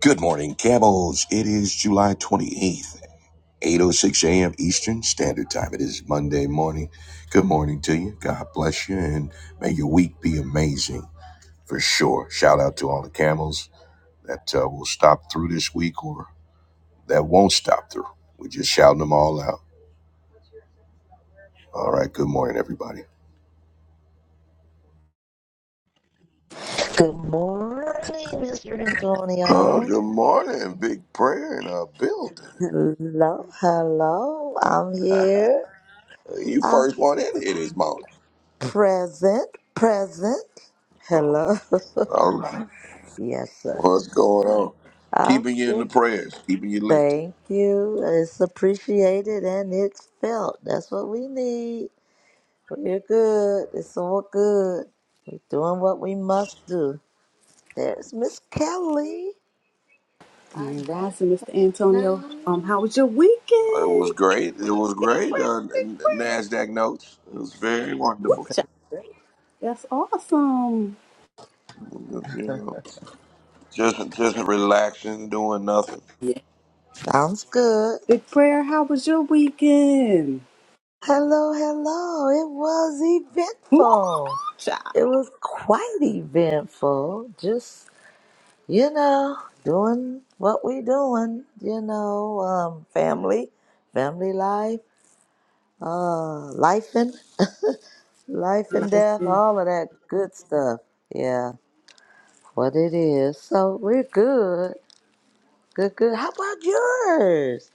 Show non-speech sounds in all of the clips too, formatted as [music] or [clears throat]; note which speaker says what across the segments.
Speaker 1: Good morning, Camels. It is July 28th, 8.06 a.m. Eastern Standard Time. It is Monday morning. Good morning to you. God bless you, and may your week be amazing for sure. Shout out to all the Camels that uh, will stop through this week or that won't stop through. We're just shouting them all out. All right, good morning, everybody.
Speaker 2: Good morning, Mr.
Speaker 1: Oh,
Speaker 2: Antonio.
Speaker 1: good morning. Big prayer in our building.
Speaker 2: Hello, hello. I'm here.
Speaker 1: You
Speaker 2: I'm
Speaker 1: first one in here this morning.
Speaker 2: present, present. Hello. [laughs]
Speaker 1: All right.
Speaker 2: Yes, sir.
Speaker 1: What's going on?
Speaker 2: I'm
Speaker 1: Keeping you in the
Speaker 2: here.
Speaker 1: prayers, keeping you lifted.
Speaker 2: Thank you. It's appreciated and it's felt. That's what we need. We're good. It's all good. We're doing what we must do. There's Miss Kelly. Our
Speaker 3: Grand
Speaker 2: last
Speaker 3: Rising, Mr. Antonio. Um,
Speaker 2: name.
Speaker 3: how was your
Speaker 1: It was
Speaker 3: weekend?
Speaker 1: great. It was
Speaker 3: Big
Speaker 1: great.
Speaker 3: prayer,
Speaker 1: Uh,
Speaker 3: big
Speaker 1: Nasdaq notes. It was very
Speaker 3: whoop,
Speaker 1: wonderful.
Speaker 3: child. That's awesome.
Speaker 1: You know, just just relaxing, doing nothing.
Speaker 3: Yeah.
Speaker 2: Sounds good.
Speaker 3: Big prayer, how was your weekend?
Speaker 2: Hello, hello. It was
Speaker 3: Woo
Speaker 2: eventful.
Speaker 3: child.
Speaker 2: It was quite eventful. Just, you know, doing what we doing, you know, um, family, family life, uh, life and [laughs] life and
Speaker 3: Life
Speaker 2: death,
Speaker 3: is
Speaker 2: all of that good stuff. Yeah, what it is. So we're good. Good, good. How about yours?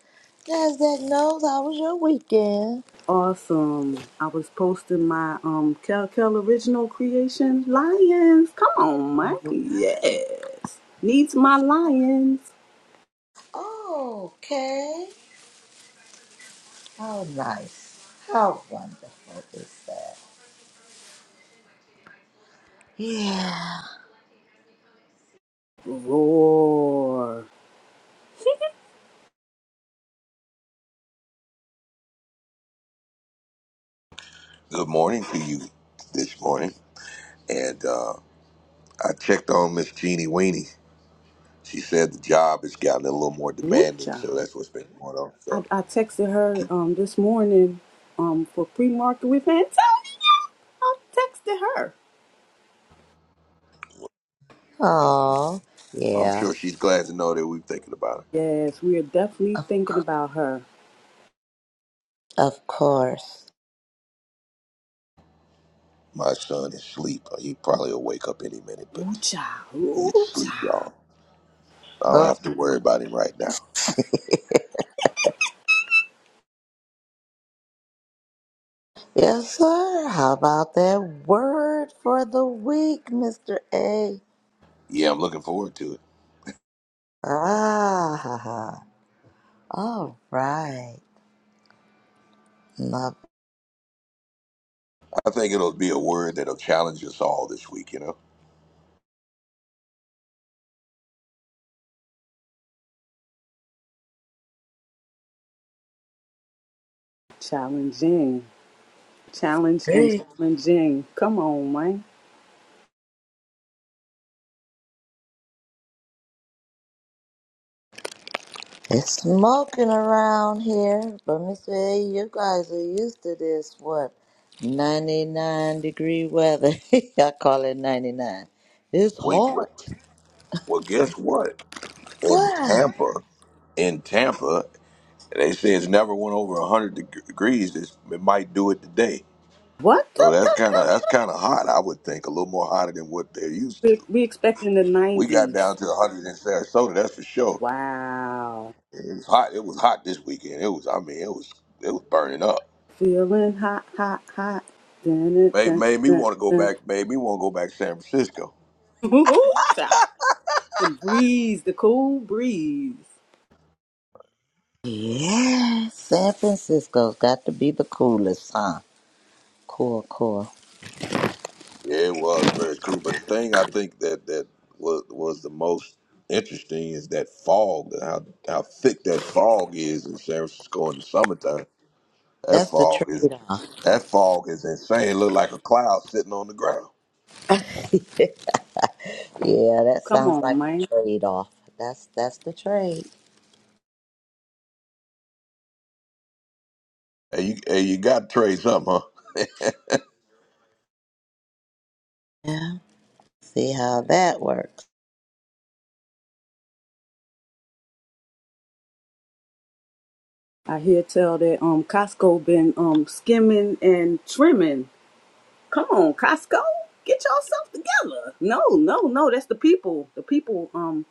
Speaker 2: NASDAQ knows how was your weekend?
Speaker 3: awesome. I was posting my um Kel Kel original creation, Lions. Come on, man. Yes. Needs my lions.
Speaker 2: Okay. How nice. How wonderful is that? Yeah.
Speaker 3: Roar.
Speaker 1: Good morning to you this morning. And uh, I checked on Miss Jeannie Weenie. She said the job has gotten a little more
Speaker 3: Woo
Speaker 1: demanding,
Speaker 3: child.
Speaker 1: so that's what's been going on.
Speaker 3: I,
Speaker 1: So
Speaker 3: I texted her um, this morning um, for pre-market with Antonio. I texted her.
Speaker 2: Oh,
Speaker 1: I'm
Speaker 2: yeah.
Speaker 1: sure she's glad to know that we're thinking about her.
Speaker 3: Yes, we are definitely
Speaker 2: Of,
Speaker 3: thinking about her.
Speaker 2: of course.
Speaker 1: My son is asleep. He probably will wake up any minute,
Speaker 3: Ooh
Speaker 1: but
Speaker 3: child,
Speaker 1: he's
Speaker 3: ooh
Speaker 1: asleep,
Speaker 3: child.
Speaker 1: y'all. I don't
Speaker 2: Oh,
Speaker 1: have to worry about him right now.
Speaker 2: yes, sir. How about that word for the week, Mr. A?
Speaker 1: Yeah, I'm looking forward to it.
Speaker 2: Ah, ha, ha. All right. Love.
Speaker 1: I think it'll be a word that'll challenge us all this week, you know?
Speaker 3: Challenging, challenge and challenging. Come on, man.
Speaker 2: It's smoking around here, but Mr. A, you guys are used to this, what, 99 degree weather. [laughs] I call it 99. It's
Speaker 1: Wait, what?
Speaker 2: hot.
Speaker 1: Well, guess what? In
Speaker 2: What?
Speaker 1: Tampa, in Tampa, they say it's never went over 100 deg- degrees. It's, it might do it today.
Speaker 3: What? the-
Speaker 1: So that's kind of that's kind of hot, I would think, a little more hotter than what they're used to.
Speaker 3: We we expecting the
Speaker 1: We got down
Speaker 3: nineties.
Speaker 1: to 100 in Sarasota, that's for sure.
Speaker 3: Wow.
Speaker 1: It was hot. It was hot this weekend. It was, I mean, it was it was burning up.
Speaker 3: Feeling hot, hot, hot. Dun, dun,
Speaker 1: Made,
Speaker 3: dun,
Speaker 1: made me
Speaker 3: dun,
Speaker 1: want to go
Speaker 3: dun.
Speaker 1: back. Made me want to go back to San Francisco.
Speaker 3: [laughs] Ooh child. The breeze, the cool breeze.
Speaker 2: Yeah, San Francisco's got to be the coolest, huh? Cool, cool.
Speaker 1: Yeah, it was very cool. But the thing I think that that was was the most interesting is that fog, how how thick that fog is in San Francisco in the summertime. That
Speaker 2: That's the
Speaker 1: fog is
Speaker 2: trade-off.
Speaker 1: that fog is insane. It looked like a cloud sitting on the ground.
Speaker 2: [laughs] yeah, that
Speaker 3: Come
Speaker 2: sounds
Speaker 3: on,
Speaker 2: like the
Speaker 3: man.
Speaker 2: trade-off. That's that's the trade.
Speaker 1: Hey, you hey, you got to trade something, huh?
Speaker 2: Yeah, see how that works.
Speaker 3: I hear tell that um Costco been um skimming and trimming. Come on, Costco, get yourself together. No, no, no, that's the people. The people um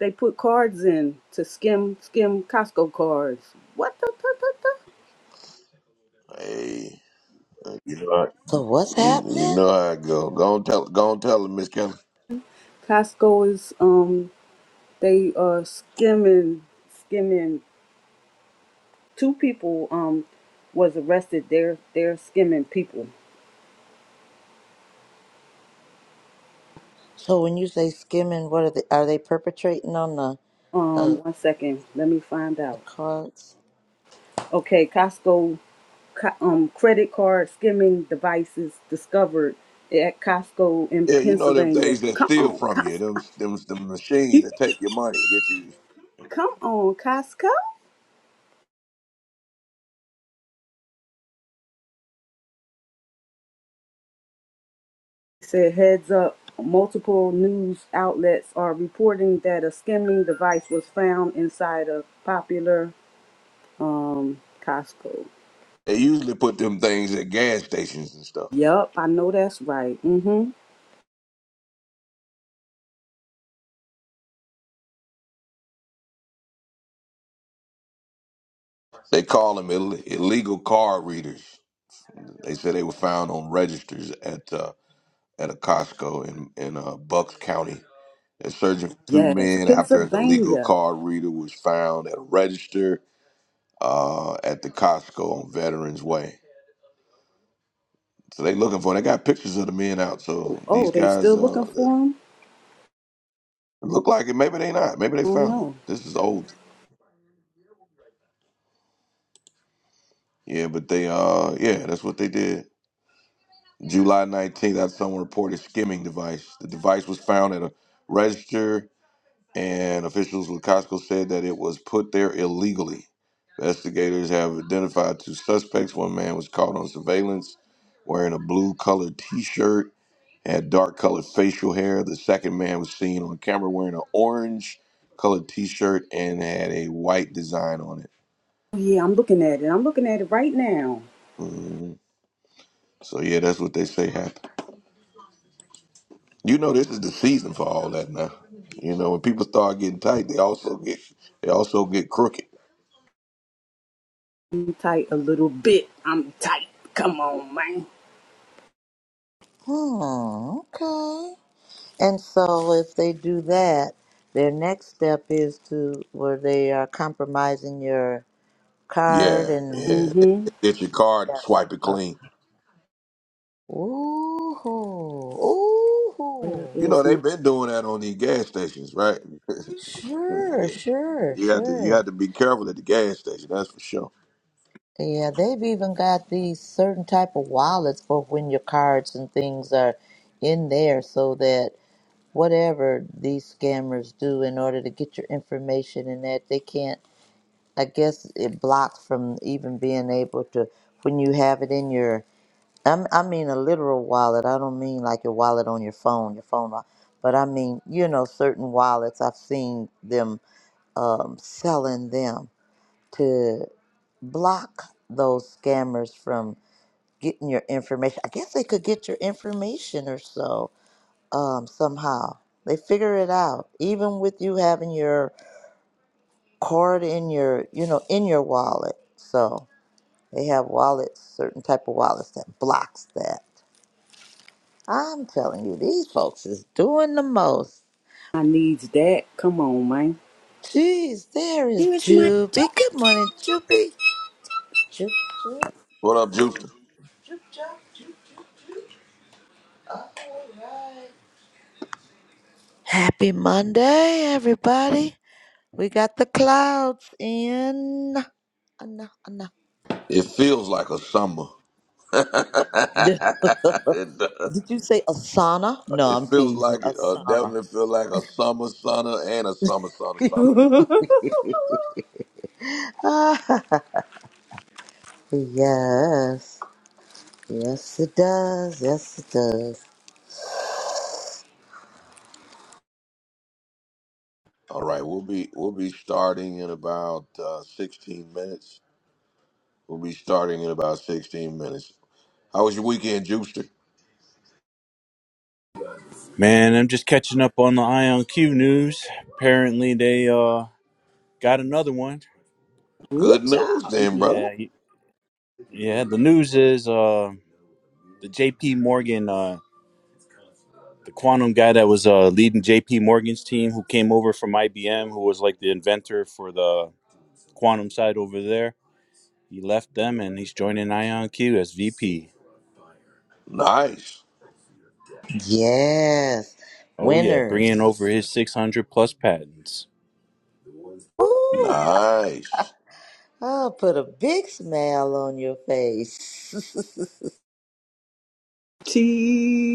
Speaker 3: they put cards in to skim skim Costco cards. What the, the, the, the?
Speaker 1: Hey, you know how,
Speaker 2: So what's
Speaker 1: you, you
Speaker 2: happening?
Speaker 1: know how it go. Go and tell go and tell them, Miss Kelly.
Speaker 3: Costco is um they are skimming skimming two people um was arrested. They're they're skimming people.
Speaker 2: So when you say skimming, what are they? Are they perpetrating on the
Speaker 3: Um
Speaker 2: uh,
Speaker 3: one second, let me find
Speaker 2: the
Speaker 3: out.
Speaker 2: cards?
Speaker 3: Okay, Costco co- um, credit card skimming devices discovered at Costco in
Speaker 1: Yeah, you know them
Speaker 3: Pennsylvania.
Speaker 1: things that
Speaker 3: Come
Speaker 1: steal
Speaker 3: on,
Speaker 1: from you. Them
Speaker 3: Costco.
Speaker 1: them the machines
Speaker 3: [laughs]
Speaker 1: that take your money, get you.
Speaker 3: Come on, Costco. Said heads up. Multiple news outlets are reporting that a skimming device was found inside a popular um, Costco.
Speaker 1: They usually put them things at gas stations and stuff.
Speaker 3: Yup, I know that's right. Mm-hmm.
Speaker 1: They call them Ill- illegal card readers. They said they were found on registers at uh, at a Costco in in uh, Bucks County. They're searching for two
Speaker 3: Yes,
Speaker 1: men after an illegal
Speaker 3: Pennsylvania.
Speaker 1: card reader was found at a register uh, at the Costco on Veterans Way. So they looking for. They got pictures of the men out. So
Speaker 3: Oh,
Speaker 1: these
Speaker 3: they
Speaker 1: guys
Speaker 3: still
Speaker 1: uh,
Speaker 3: looking for him?
Speaker 1: they look like it. Maybe they not. Maybe they
Speaker 3: Oh
Speaker 1: found them.
Speaker 3: no.
Speaker 1: This is old. Yeah, but they uh yeah, that's what they did. July 19th, that's someone reported skimming device. The device was found at a register, and officials with Costco said that it was put there illegally. Investigators have identified two suspects. One man was caught on surveillance wearing a blue colored t shirt, had dark colored facial hair. The second man was seen on camera wearing an orange colored t shirt and had a white design on it.
Speaker 3: Yeah, I'm looking at it. I'm looking at it right now.
Speaker 1: Mhm. So, yeah, that's what they say happened. You know this is the season for all that now. You know, when people start getting tight, they also get they also get crooked.
Speaker 3: I'm tight a little bit. I'm tight. Come on, man.
Speaker 2: Hmm. Okay. And so if they do that, their next step is to where they are compromising your
Speaker 1: Yeah,
Speaker 2: card and
Speaker 1: yeah.
Speaker 3: Mm-hmm.
Speaker 1: Get your card and
Speaker 2: yeah.
Speaker 1: swipe it
Speaker 2: Uh,
Speaker 1: clean.
Speaker 2: ooh.
Speaker 3: Where
Speaker 1: You
Speaker 2: Ooh.
Speaker 1: know,
Speaker 3: is my
Speaker 1: they've been doing that on these gas stations, right?
Speaker 2: Sure.
Speaker 1: Yeah.
Speaker 2: Sure.
Speaker 1: You have to you
Speaker 2: Sure.
Speaker 1: have to be careful at the gas station, that's for sure.
Speaker 2: Yeah, they've even got these certain type of wallets for when your cards and things are in there, so that whatever these scammers do in order to get your information and that they can't i guess it blocks from even being able to when you have it in your I'm, i mean a literal wallet i don't mean like your wallet on your phone your phone wa- but i mean you know certain wallets i've seen them um, selling them to block those scammers from getting your information i guess they could get your information or so um, somehow. They figure it out, even with you having your card in your, you know, in your wallet. So they have wallets, certain type of wallets that blocks that. I'm telling you, these folks is doing the most.
Speaker 3: I needs that? Come on, man.
Speaker 2: Jeez, there is
Speaker 3: There's my
Speaker 2: Juby.
Speaker 3: jumpy
Speaker 2: Good morning, Juby. Juby.
Speaker 1: What up, Juicer?
Speaker 2: Happy Monday, everybody. We got the clouds in.
Speaker 1: It feels like a summer. [laughs] it,
Speaker 2: Did [laughs]
Speaker 1: does.
Speaker 2: did you say Asana? No,
Speaker 1: It
Speaker 2: I'm
Speaker 1: feels
Speaker 2: teasing.
Speaker 1: like it. Uh,
Speaker 2: Asana.
Speaker 1: definitely feel like a summer sunner and a summer sunner summer.
Speaker 3: cute. [laughs]
Speaker 2: [laughs] yes. Yes, it does. Yes, it does.
Speaker 1: All right, we'll be we'll be starting in about uh, 16 minutes. We'll be starting in about 16 minutes. How was your weekend, Juicer?
Speaker 4: Man, I'm just catching up on the IonQ news. Apparently, they uh got another one.
Speaker 3: Ooh,
Speaker 1: Good news,
Speaker 3: child.
Speaker 1: then, brother.
Speaker 3: Yeah.
Speaker 4: Yeah, y- yeah. The news is uh the J.P. Morgan, uh the quantum guy that was uh leading J.P. Morgan's team, who came over from IBM, who was like the inventor for the quantum side over there. He left them, and he's joining IonQ as VP.
Speaker 1: Nice,
Speaker 2: Yes.
Speaker 4: Oh yeah, bringing
Speaker 2: Winners.
Speaker 4: over his 600 plus patents
Speaker 2: Ooh,
Speaker 1: nice.
Speaker 2: I'll put a big smile on your face.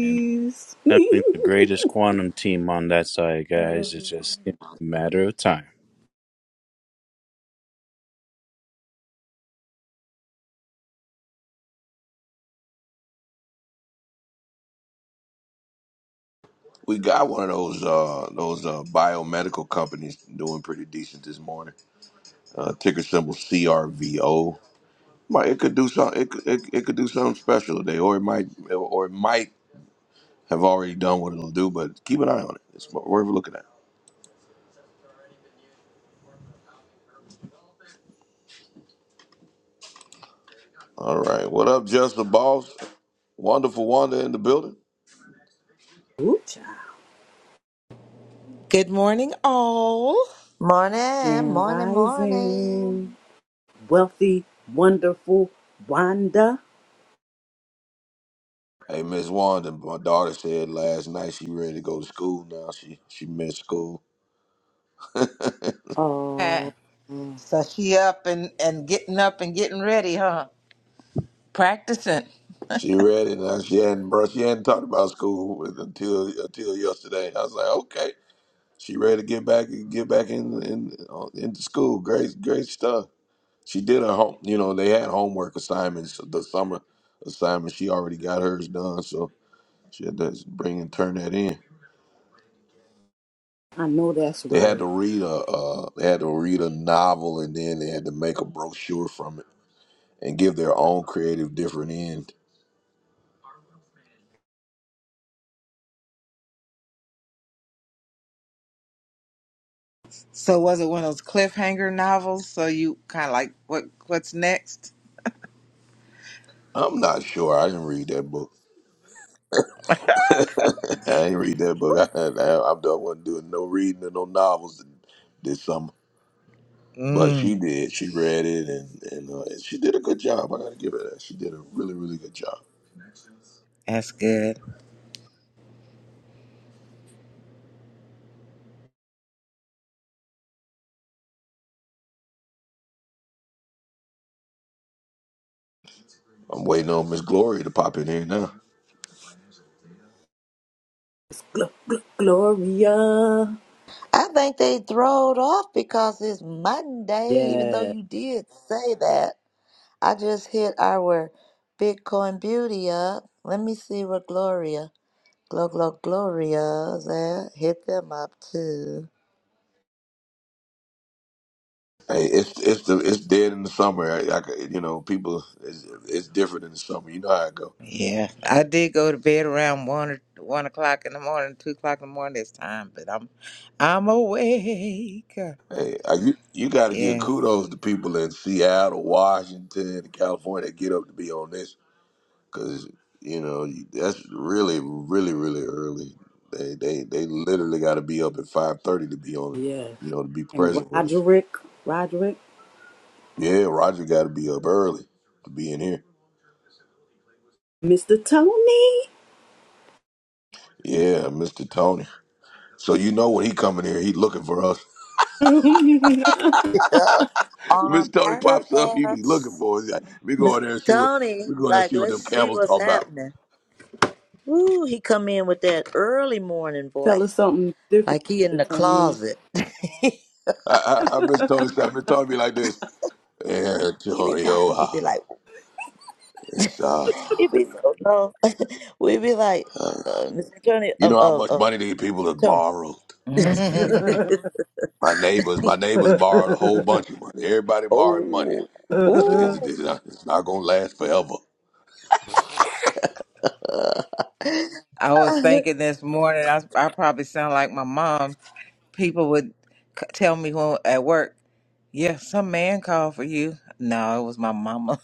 Speaker 4: and assembling the greatest quantum team on that side, guys. It's just a matter of time.
Speaker 1: We got one of those uh, those uh, biomedical companies doing pretty decent this morning. Uh, ticker symbol CRVO. Might it could do some it, could- it it could do something special today, or it might or it might have already done what it'll do. But keep an eye on it. It's worth looking at. All right, what up, Just the Boss? Wonderful Wanda in the building.
Speaker 3: Ooh, child.
Speaker 5: Good morning, all.
Speaker 2: [laughs] morning,
Speaker 3: Grand
Speaker 2: morning, morning.
Speaker 3: Rising. Wealthy, wonderful Wanda.
Speaker 1: Hey, Miss Wanda, my daughter said last night she ready to go to school now. She she missed school.
Speaker 5: Yeah.
Speaker 3: Oh,
Speaker 5: So she up and, and getting up and getting ready, huh? Practicing.
Speaker 1: She ready now. She hadn't bro, she hadn't talked about school with- until until yesterday. I was like, okay, she ready to get back get back in in uh, into school. Great great stuff. She did her home. You know they had homework assignments the summer assignment. She already got hers done, so she had to bring and turn that in.
Speaker 3: I know that's
Speaker 1: They had
Speaker 3: right.
Speaker 1: to read a uh, they had to read a novel and then they had to make a brochure from it and give their own creative different end.
Speaker 5: So, was it one of those cliffhanger novels? So you kind of like what? What's next?
Speaker 1: I'm not sure. I didn't read that book. [laughs] I didn't read that book. [laughs] I, I, I wasn't doing no reading and no novels this summer. But she
Speaker 5: Mm,
Speaker 1: did. She read it and and, uh, and she did a good job. I gotta give her that. She did a really really good job.
Speaker 5: that's good.
Speaker 1: I'm waiting on Miss Glory to pop in here now.
Speaker 3: Gl- gl- Gloria.
Speaker 2: I think they throwed off because it's Monday, even though
Speaker 3: Yeah.
Speaker 2: you did say that. I just hit our Bitcoin beauty up. Let me see where Gloria, Glo Glo Gloria's at. Hit them up too.
Speaker 1: Hey, it's it's the it's dead in the summer. I, I c- you know people it's, it's different in the summer. You know how it goes.
Speaker 5: Yeah, I did go to bed around one or one o'clock in the morning, two o'clock in the morning this time, but I'm I'm awake.
Speaker 1: Hey, uh, you you got to give
Speaker 5: Yeah,
Speaker 1: kudos to people in Seattle, Washington, and California that get up to be on this because you know you- that's really, really, really early. They they they literally got to be up at five thirty to be on,
Speaker 3: Yes.
Speaker 1: it, you know, to be
Speaker 3: And
Speaker 1: present with us.
Speaker 3: Roderick. Roderick.
Speaker 1: Yeah, Roger got to be up early to be in here.
Speaker 3: Mr. Tony.
Speaker 1: Yeah, Mister Tony. So you know when he coming here, he looking for us.
Speaker 3: [laughs]
Speaker 2: [laughs]
Speaker 1: [laughs] Mister
Speaker 2: On
Speaker 1: Tony pops up, he be looking
Speaker 2: purpose.
Speaker 1: for us. He's like, we go
Speaker 2: Mr.
Speaker 1: in there and see what
Speaker 2: Tony,
Speaker 1: we go in there and
Speaker 2: like,
Speaker 1: see what
Speaker 2: let's
Speaker 1: them
Speaker 2: see
Speaker 1: camels
Speaker 2: what's
Speaker 1: talk about.
Speaker 2: happening. Woo, he come in with that early morning
Speaker 3: Tell us
Speaker 2: voice.
Speaker 3: something different,
Speaker 2: Like he in the
Speaker 3: Mr. Tony.
Speaker 2: closet. [laughs] he
Speaker 1: I, I, I miss Tony. I miss Tony be like this.
Speaker 2: be
Speaker 1: Antonio,
Speaker 2: talking. He be
Speaker 1: ah,
Speaker 2: like,
Speaker 1: it's, uh,
Speaker 2: he be so low. [laughs] we be like,
Speaker 1: uh,
Speaker 2: uh, Mr. Tony,
Speaker 1: you
Speaker 2: um,
Speaker 1: know how
Speaker 2: uh,
Speaker 1: much
Speaker 2: uh,
Speaker 1: money these people
Speaker 2: Mr.
Speaker 1: have
Speaker 2: Tony.
Speaker 1: borrowed.
Speaker 5: [laughs] I
Speaker 1: My neighbors, my neighbors borrowed a whole bunch
Speaker 3: [laughs]
Speaker 1: of money. Everybody borrowed money.
Speaker 2: Oh,
Speaker 1: It's, it's,
Speaker 2: ooh.
Speaker 1: it's not, it's not gonna last forever.
Speaker 5: was thinking this morning I I probably sound like my mom people would c- tell me when at work, yeah, some man called for you. No, it was my mama.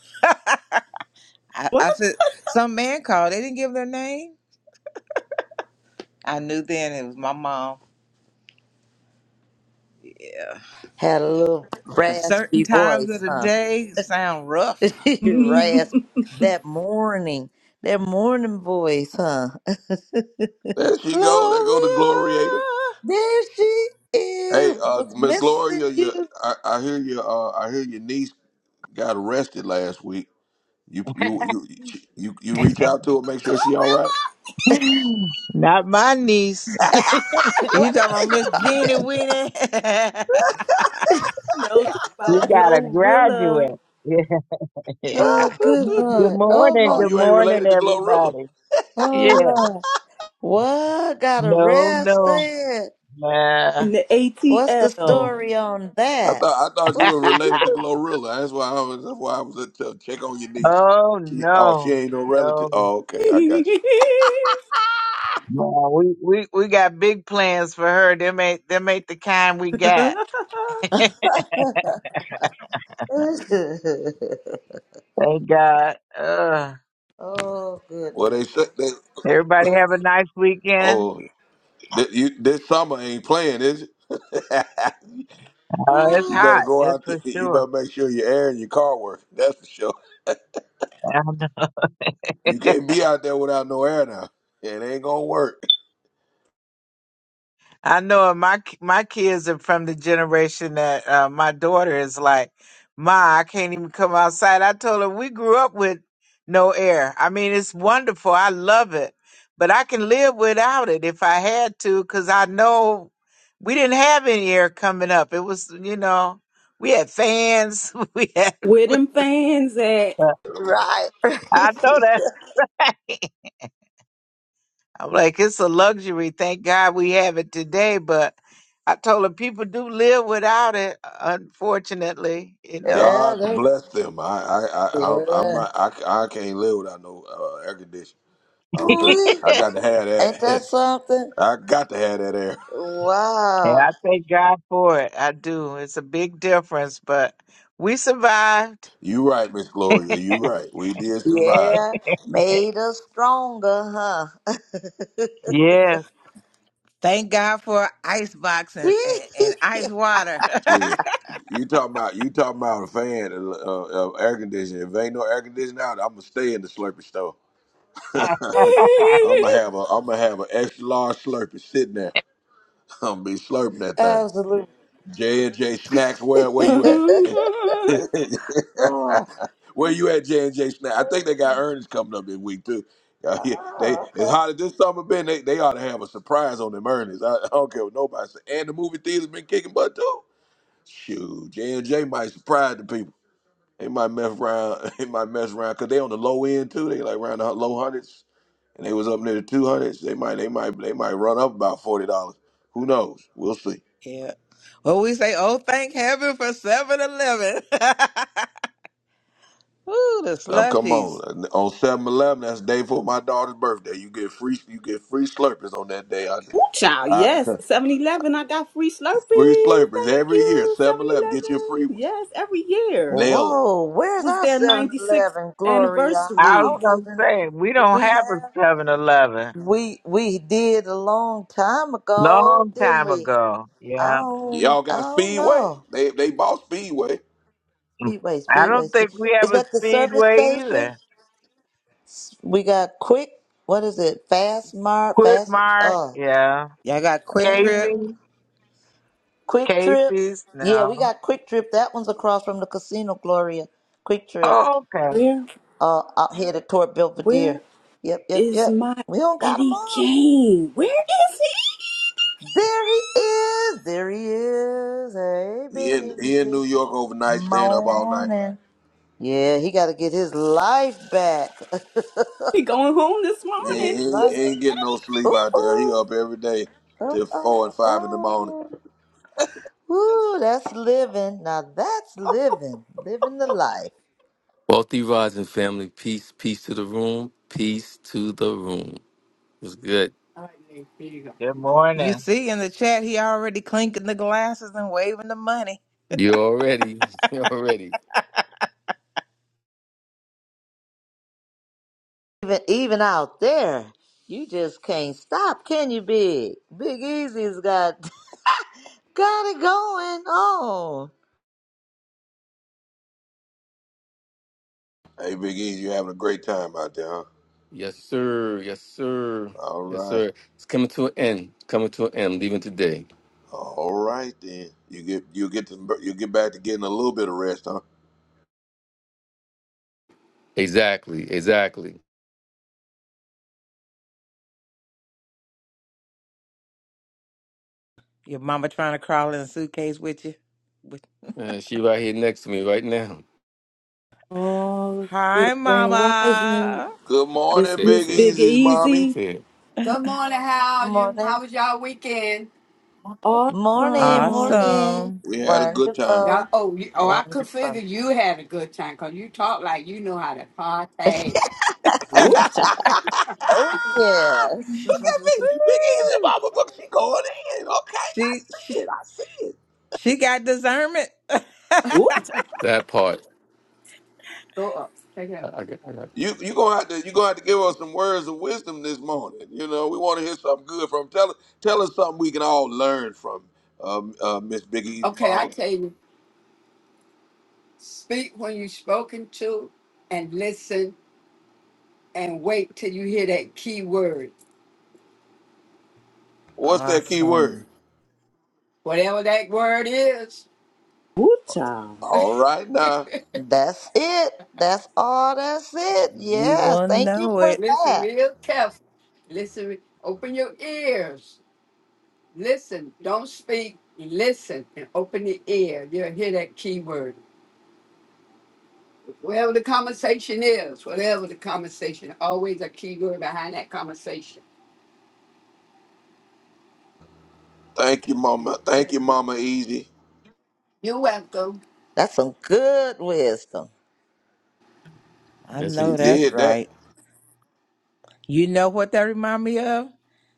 Speaker 5: [laughs] I, I
Speaker 3: What?
Speaker 5: said, some man called. They didn't give their name. I knew then it was my mom. Yeah.
Speaker 2: Had a little
Speaker 5: Because certain
Speaker 2: raspy
Speaker 5: times of
Speaker 2: voice,
Speaker 5: the
Speaker 2: huh?
Speaker 5: day sound
Speaker 2: [laughs]
Speaker 5: rough.
Speaker 3: [laughs]
Speaker 2: Rasp. That morning, that morning voice, huh? [laughs]
Speaker 1: There she go. There
Speaker 5: Gloria.
Speaker 1: go the Gloriator.
Speaker 2: There she is.
Speaker 1: Hey,
Speaker 2: We
Speaker 1: uh,
Speaker 2: was
Speaker 1: Miss
Speaker 2: missing
Speaker 1: Gloria, your,
Speaker 2: you. [laughs]
Speaker 1: I, I hear your, uh, I hear your niece got arrested last week. You, you, you, you, you reach out to her, make sure she all right.
Speaker 6: Not my niece. [laughs]
Speaker 5: You
Speaker 2: what
Speaker 5: talking
Speaker 2: is
Speaker 5: about
Speaker 2: it
Speaker 5: Miss Jeannie
Speaker 2: talking?
Speaker 5: Weenie?
Speaker 3: No, talk
Speaker 6: We
Speaker 3: about
Speaker 6: got a graduate.
Speaker 3: Glorilla
Speaker 6: [laughs]
Speaker 1: [laughs]
Speaker 6: Yeah.
Speaker 2: Oh, good
Speaker 1: oh,
Speaker 6: Good
Speaker 2: Lord. Oh,
Speaker 6: morning.
Speaker 2: my.
Speaker 6: Good
Speaker 1: you ain't
Speaker 6: morning,
Speaker 1: related to Glorilla.
Speaker 6: everybody.
Speaker 2: Oh,
Speaker 6: Yeah.
Speaker 2: Lord. What? Got
Speaker 6: No, no.
Speaker 2: arrested.
Speaker 6: Nah.
Speaker 3: in the
Speaker 2: What's the
Speaker 3: ATL.
Speaker 2: story on
Speaker 1: I
Speaker 2: that?
Speaker 1: thought I thought you
Speaker 6: [laughs]
Speaker 2: What
Speaker 1: were
Speaker 2: you do?
Speaker 1: related to Glorilla. That's why I was. That's why I was at to check on your niece.
Speaker 6: Oh
Speaker 1: She, oh, she
Speaker 6: no.
Speaker 1: ain't no relative.
Speaker 6: No.
Speaker 1: Oh, okay, I got you.
Speaker 6: No. We, we we got big plans for her. Them ain't them ain't the kind we got.
Speaker 3: [laughs]
Speaker 2: [laughs]
Speaker 6: Thank God. Uh
Speaker 2: oh,
Speaker 1: Well, they
Speaker 2: goodness.
Speaker 1: said they.
Speaker 6: everybody have a nice weekend.
Speaker 1: Oh, th- you, this summer ain't playing, is it?
Speaker 6: Uh
Speaker 1: [laughs]
Speaker 6: it's
Speaker 1: you
Speaker 2: Oh,
Speaker 1: better
Speaker 6: hot,
Speaker 1: go
Speaker 6: It's
Speaker 1: out.
Speaker 6: for
Speaker 1: [laughs] You
Speaker 6: sure.
Speaker 1: better make sure your air and your car work. That's for sure. You
Speaker 6: [laughs]
Speaker 1: can't be out there without no air now. It ain't gonna work.
Speaker 6: I know my my kids are from the generation that uh, my daughter is like, Ma, I can't even come outside. I told her we grew up with no air. I mean, it's wonderful. I love it, but I can live without it if I had to, because I know we didn't have any air coming up. It was, you know, we had fans. [laughs] We had.
Speaker 3: Where them fans at?
Speaker 2: right. [laughs]
Speaker 6: I know that. [laughs] I'm like, it's a luxury. Thank God we have it today. But I told her people do live without it, unfortunately, you know.
Speaker 1: God
Speaker 2: yeah,
Speaker 1: bless them. I I I I I'm
Speaker 2: Yeah.
Speaker 1: not, I, I can't live without no uh, air conditioning. [laughs]
Speaker 2: ooh
Speaker 1: I got to have
Speaker 2: Ain't that
Speaker 1: that.
Speaker 2: something?
Speaker 1: [laughs] I got to have that air.
Speaker 6: And
Speaker 2: Wow.
Speaker 6: I thank God for it. I do. It's a big difference, but we survived.
Speaker 1: You right, Miss Gloria. You right. We did survive.
Speaker 2: Yeah. Made us stronger, huh?
Speaker 6: Yes.
Speaker 5: [laughs] Thank God for icebox and,
Speaker 2: [laughs]
Speaker 5: and, and ice water.
Speaker 1: Sure. You talking about you talking about a fan uh, uh, air conditioning? If ain't no air conditioning out, I'm gonna stay in the Slurpee store. I'm gonna have a
Speaker 3: [laughs]
Speaker 1: I'm gonna have an extra large Slurpee sitting there. [laughs] I'm gonna be slurping that thing.
Speaker 2: Absolutely.
Speaker 1: J and J snacks. Where
Speaker 2: [laughs]
Speaker 1: where you at?
Speaker 3: Ooh,
Speaker 2: oh, wow.
Speaker 1: [laughs] where you at, J and J snacks? I think they got earnings coming up this week too. [laughs] Uh, yeah, they
Speaker 2: Oh,
Speaker 1: as
Speaker 2: okay.
Speaker 1: hot as this summer been, they, they ought to have a surprise on them earnings. I, I don't care what nobody say. And the movie theater's been kicking butt too. Shoot, J and J might surprise the people. They might mess around. [laughs] They might mess around because they on the low end too. They like around the hu- low hundreds, and they was up near the two hundreds. They might, they might, they might run up about forty dollars. Who knows? We'll see.
Speaker 5: [laughs] yeah. Well, we say, oh, thank heaven for Seven Eleven. [laughs] Ooh, the
Speaker 1: Um, come
Speaker 5: slushies.
Speaker 1: on, on Seven Eleven. that's the day for my daughter's birthday. You get free, you get free slurpers on that day. I,
Speaker 3: child,
Speaker 1: I
Speaker 3: yes.
Speaker 1: [laughs]
Speaker 3: 7-Eleven, I got free
Speaker 1: free
Speaker 3: Slurpees.
Speaker 1: slurpers
Speaker 3: Thank
Speaker 1: every year.
Speaker 3: you,
Speaker 1: Seven Eleven, get your free
Speaker 3: 7-Eleven.
Speaker 1: ones.
Speaker 3: Yes, every year.
Speaker 2: Well,
Speaker 1: Nail them.
Speaker 2: Whoa, where's
Speaker 3: was
Speaker 2: our
Speaker 3: their
Speaker 2: Seven Eleven,
Speaker 3: 96th
Speaker 2: Gloria? I
Speaker 6: I was
Speaker 3: anniversary.
Speaker 2: don't
Speaker 6: going to
Speaker 2: even.
Speaker 6: say, we
Speaker 2: Do
Speaker 6: don't
Speaker 2: we
Speaker 6: have a
Speaker 2: have?
Speaker 6: Seven Eleven
Speaker 2: We we did a long time ago,
Speaker 6: Long
Speaker 2: didn't
Speaker 6: time
Speaker 2: we?
Speaker 6: ago.
Speaker 2: I
Speaker 6: Yeah.
Speaker 2: don't,
Speaker 1: Y'all
Speaker 2: I
Speaker 1: got
Speaker 2: don't
Speaker 1: Speedway?
Speaker 2: know.
Speaker 1: They they bought Speedway.
Speaker 2: Speedway,
Speaker 6: I
Speaker 2: Speedway,
Speaker 6: don't think
Speaker 2: Speedway.
Speaker 6: we have
Speaker 2: Is
Speaker 6: a
Speaker 2: that the service
Speaker 6: Speedway
Speaker 2: station?
Speaker 6: either.
Speaker 2: We got quick. What is it? Fast Mart.
Speaker 6: Quit
Speaker 2: Fast.
Speaker 6: Mart.
Speaker 2: Uh,
Speaker 6: Yeah.
Speaker 5: Y'all got Quick Trip.
Speaker 2: uh,
Speaker 6: Casey.
Speaker 2: quick trip.
Speaker 6: Casey's.
Speaker 2: Yeah, we
Speaker 6: No.
Speaker 2: got quick trip. That one's across from the casino, Gloria. Quick trip.
Speaker 6: Okay.
Speaker 3: Where
Speaker 2: Uh, out headed toward Belvedere.
Speaker 3: where
Speaker 2: Yep, yep,
Speaker 3: is
Speaker 2: yep.
Speaker 3: my
Speaker 2: We don't got 'em
Speaker 3: Eddie
Speaker 2: all.
Speaker 3: Kane? Where is he?
Speaker 2: There he is. There he is. Hey,
Speaker 1: He
Speaker 2: Big
Speaker 1: in, he in New
Speaker 2: Easy.
Speaker 1: York overnight, staying up all night.
Speaker 2: Morning. Yeah, he got to get his life back.
Speaker 3: He going home this
Speaker 1: He
Speaker 2: [laughs] get his
Speaker 3: morning. Is
Speaker 1: ain't,
Speaker 2: life.
Speaker 3: he?
Speaker 1: ain't getting no sleep
Speaker 2: Ooh,
Speaker 1: out there. He
Speaker 2: ooh.
Speaker 1: up every day
Speaker 2: Uh,
Speaker 1: till four
Speaker 2: uh,
Speaker 1: and five in the morning.
Speaker 2: uh. Woo, that's living. Now that's living, living the life.
Speaker 7: Wealthy Rising family, peace, peace to the room, peace to the room. It's good.
Speaker 6: Good
Speaker 5: You
Speaker 6: morning.
Speaker 5: see in the chat, he already clinking the glasses and waving the money.
Speaker 7: You already, [laughs] you already.
Speaker 2: Even even out there, you just can't stop, can you, Big? Big Easy's got [laughs] got it going on.
Speaker 1: Hey, Big E, you having a great time out there, huh?
Speaker 7: Yes, sir. Yes, sir.
Speaker 1: All
Speaker 7: Yes,
Speaker 1: right,
Speaker 7: sir. It's coming to an end. Coming to an end. Leaving today.
Speaker 1: all right then. You get you get to you get back to getting a little bit of rest, huh?
Speaker 7: Exactly. Exactly.
Speaker 5: Your mama trying to crawl in a suitcase with you. With
Speaker 7: Uh, she right here next to me right now.
Speaker 3: Oh,
Speaker 5: Hi,
Speaker 3: good grand rising.
Speaker 5: mama.
Speaker 1: Good morning,
Speaker 3: Miss
Speaker 7: Say it.
Speaker 3: Miss
Speaker 1: Big
Speaker 7: Say it.
Speaker 3: Big
Speaker 1: Easy's mommy.
Speaker 3: Easy.
Speaker 7: Say it. Good morning. How are you?
Speaker 2: Morning,
Speaker 7: How was y'all weekend?
Speaker 2: morning,
Speaker 3: Awesome.
Speaker 2: morning.
Speaker 5: Awesome.
Speaker 1: We had a good time. [laughs]
Speaker 2: Wonderful,
Speaker 7: Y'all, oh, you, oh, I could figure
Speaker 2: wonderful.
Speaker 7: you had a good time because you talk like you know how to party.
Speaker 1: Look
Speaker 5: [laughs]
Speaker 1: at
Speaker 7: [laughs]
Speaker 3: Ooh-cha.
Speaker 2: Oh yes, [laughs]
Speaker 1: me, Big Easy,
Speaker 5: Woo!
Speaker 1: mama. Look, she going in. Okay, I
Speaker 5: she,
Speaker 1: see
Speaker 5: she
Speaker 1: it. I see it.
Speaker 5: she got discernment. [laughs]
Speaker 3: Ooh-cha.
Speaker 7: That part. Go up. Take it I, up. I got. I got.
Speaker 1: You you gonna have to you gonna have to give us some words of wisdom this morning. You know, we want to hear something good from. Tell tell us something we can all learn from, um, uh, Miss Biggie's
Speaker 7: Okay, I
Speaker 1: mom.
Speaker 7: tell you, speak when you're spoken to and listen and wait till you hear that key word.
Speaker 1: What's that key word?
Speaker 5: awesome.
Speaker 7: Whatever that word is,
Speaker 3: Ooh-cha.
Speaker 1: All right now.
Speaker 2: that's it. That's all. That's it.
Speaker 5: You
Speaker 2: Yes,
Speaker 5: will
Speaker 2: thank you
Speaker 5: know
Speaker 2: for
Speaker 5: it.
Speaker 7: listen
Speaker 2: that.
Speaker 7: real careful. Listen, re- open your ears. Listen, don't speak. Listen and open the ear. You'll hear that key word. Whatever the conversation is, whatever the conversation, always a key word behind that conversation.
Speaker 1: Thank you, Mama. Thank you, Mama Easy.
Speaker 7: You're welcome.
Speaker 2: That's some good wisdom.
Speaker 5: I
Speaker 7: Yes,
Speaker 5: know
Speaker 1: She
Speaker 7: indeed.
Speaker 5: that's
Speaker 1: did that.
Speaker 5: right. You know what that remind me of?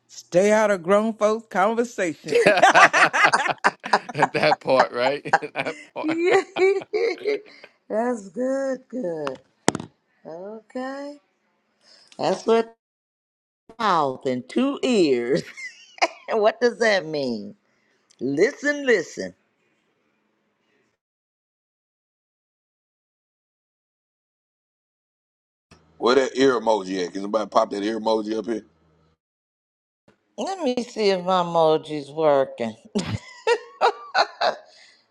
Speaker 5: Stay out of grown folks' conversation.
Speaker 7: [laughs]
Speaker 5: [laughs]
Speaker 7: At that part, right? [laughs] that
Speaker 2: [laughs]
Speaker 7: part.
Speaker 2: That's good, good. Okay. That's with mouth and two ears. [laughs] what does that mean? Listen, listen.
Speaker 1: Where that ear emoji at? Can somebody pop that ear emoji up here?
Speaker 2: Let me see if my emoji's working.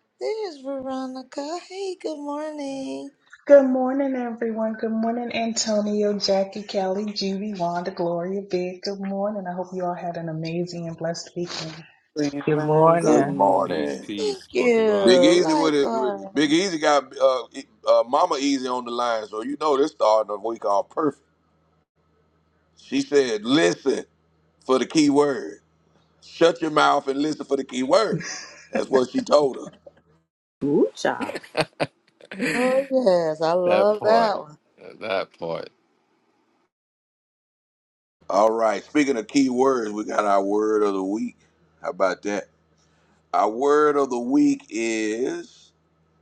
Speaker 2: [laughs] There's Veronica. Hey, good morning.
Speaker 8: Good morning, everyone. Good morning, Antonio, Jackie, Kelly, Judy, Wanda, Gloria, Big. Good morning. I hope you all had an amazing and blessed weekend.
Speaker 3: Grand
Speaker 6: Good
Speaker 1: Good
Speaker 6: morning.
Speaker 3: rising.
Speaker 7: Peace,
Speaker 1: morning.
Speaker 2: Thank
Speaker 7: peace. Wealthy
Speaker 1: Big
Speaker 2: you.
Speaker 7: rising.
Speaker 1: Easy with it.
Speaker 2: Likewise.
Speaker 1: with- Big Easy got uh, e- uh, Mama Easy on the line, so you know this starting the week off perfect. She said, "Listen for the key word." Shut your mouth and listen for the key word. That's what she told her.
Speaker 3: Ooh-cha.
Speaker 7: [laughs] that
Speaker 2: Oh yes, I love
Speaker 7: part.
Speaker 2: that one.
Speaker 7: That part.
Speaker 1: All right. Speaking of key words, we got our word of the week. How about that? Our word of the week is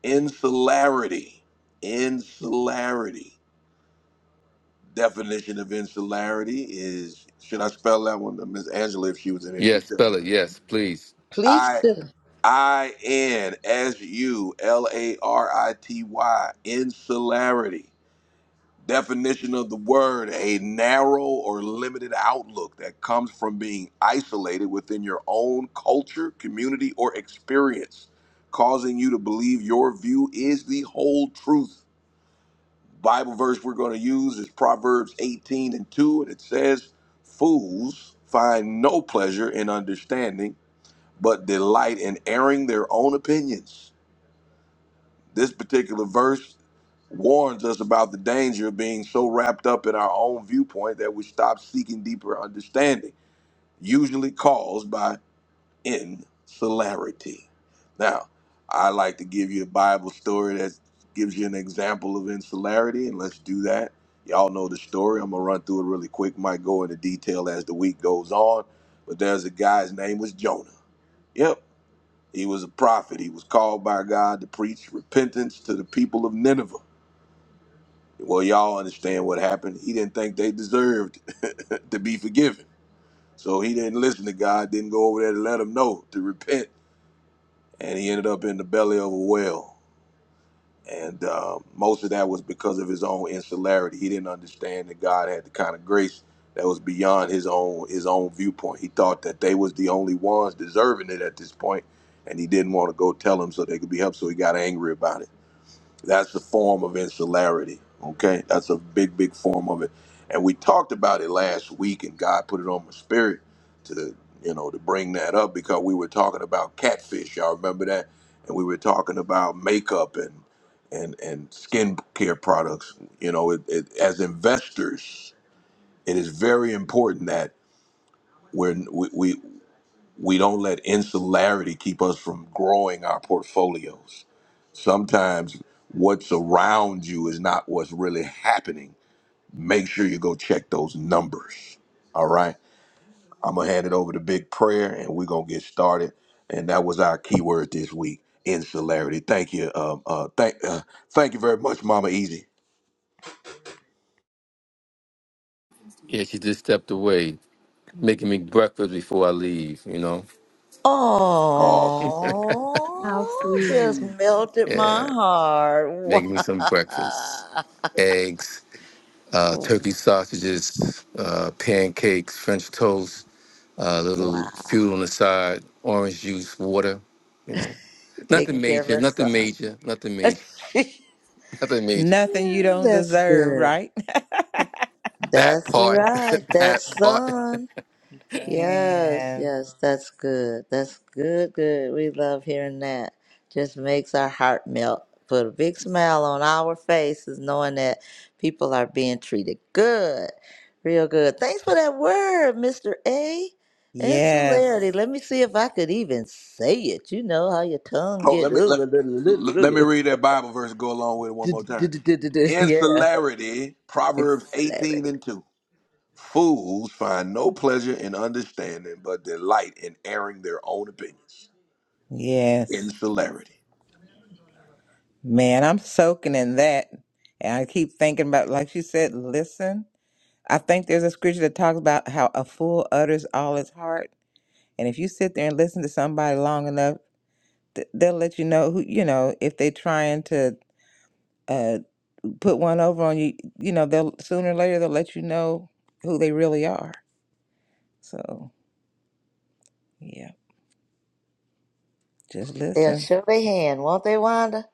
Speaker 1: insularity. Insularity. Definition of insularity is should I spell that one? Miss Angela, if she was in here, she'd
Speaker 7: Yes,
Speaker 1: tell
Speaker 7: spell
Speaker 1: me.
Speaker 7: it. Yes, please.
Speaker 2: Please
Speaker 1: I
Speaker 2: do.
Speaker 1: I N S U L A R I T Y. Insularity. Definition of the word a narrow or limited outlook that comes from being isolated within your own culture, community, or experience, causing you to believe your view is the whole truth. Bible verse we're going to use is Proverbs 18 and 2, and it says, Fools find no pleasure in understanding, but delight in airing their own opinions. This particular verse warns us about the danger of being so wrapped up in our own viewpoint that we stop seeking deeper understanding, usually caused by insularity. Now, I like to give you a Bible story that gives you an example of insularity, and let's do that. Y'all know the story. I'm going to run through it really quick, might go into detail as the week goes on. But there's a guy, his name was Jonah. Yep, he was a prophet. He was called by God to preach repentance to the people of Nineveh. Well, y'all understand what happened. He didn't think they deserved [laughs] to be forgiven. So he didn't listen to God, didn't go over there to let him know to repent. And he ended up in the belly of a whale. And uh, most of that was because of his own insularity. He didn't understand that God had the kind of grace that was beyond his own his own viewpoint. He thought that they was the only ones deserving it at this point, and he didn't want to go tell them so they could be helped. So he got angry about it. That's a form of insularity. Okay, that's a big, big form of it. And we talked about it last week, and God put it on my spirit to you know to bring that up because we were talking about catfish. Y'all remember that? And we were talking about makeup and and and skincare products. You know, it, it, as investors, it is very important that we're, we we we don't let insularity keep us from growing our portfolios Sometimes what's around you is not what's really happening. Make sure you go check those numbers. All right. I'm going to hand it over to Big Prayer and we're going to get started. And that was our keyword this week insularity. Thank you. Um, uh, thank, uh, thank you very much, Mama Easy.
Speaker 7: Yeah, she just stepped away, making me breakfast before I leave. You know.
Speaker 1: Awesome.
Speaker 3: How
Speaker 2: Oh, just
Speaker 3: sweet.
Speaker 2: melted my
Speaker 7: Yeah,
Speaker 2: heart.
Speaker 7: making me some
Speaker 2: [laughs]
Speaker 7: breakfast:
Speaker 2: Wow.
Speaker 7: eggs, uh,
Speaker 2: Oh,
Speaker 7: turkey sausages, uh, pancakes, French toast, uh, a little fuel
Speaker 2: wow.
Speaker 7: on the side, orange juice, water. You know, nothing
Speaker 2: Taking care of
Speaker 7: major.
Speaker 2: her
Speaker 7: Nothing
Speaker 2: son.
Speaker 7: major. Nothing major.
Speaker 2: [laughs]
Speaker 7: Haven't made
Speaker 5: Nothing you
Speaker 2: Yeah,
Speaker 5: don't
Speaker 2: That's
Speaker 5: deserve,
Speaker 2: good.
Speaker 5: right?
Speaker 7: that
Speaker 2: That's
Speaker 7: part, [laughs]
Speaker 2: right. That
Speaker 7: that part.
Speaker 2: son.
Speaker 5: [laughs]
Speaker 2: Yes,
Speaker 5: Man.
Speaker 2: yes, that's good. That's good, good. We love hearing that. Just makes our heart melt. Put a big smile on our faces knowing that people are being treated good. Real good. Thanks for that word, Mr. A. Insularity.
Speaker 5: Yes.
Speaker 2: Let me see if I could even say it. You know how your tongue
Speaker 1: Oh,
Speaker 2: get
Speaker 1: let
Speaker 2: [laughs]
Speaker 1: me let, let me read that Bible verse and go along with it one more time.
Speaker 2: yeah.
Speaker 1: Insularity, Proverbs 18
Speaker 2: Insularity.
Speaker 1: and 2. Fools find no pleasure in understanding, but delight in airing their own opinions. in
Speaker 5: Yes.
Speaker 1: celerity.
Speaker 5: Man, I'm soaking in that. And I keep thinking about, like you said, listen. I think there's a scripture that talks about how a fool utters all his heart. And if you sit there and listen to somebody long enough, th- they'll let you know who, you know, if they're trying to uh, put one over on you, you know, they'll sooner or later, they'll let you know who they really are. So, yeah, just
Speaker 2: They'll
Speaker 5: listen.
Speaker 2: show their hand, won't they, Wanda?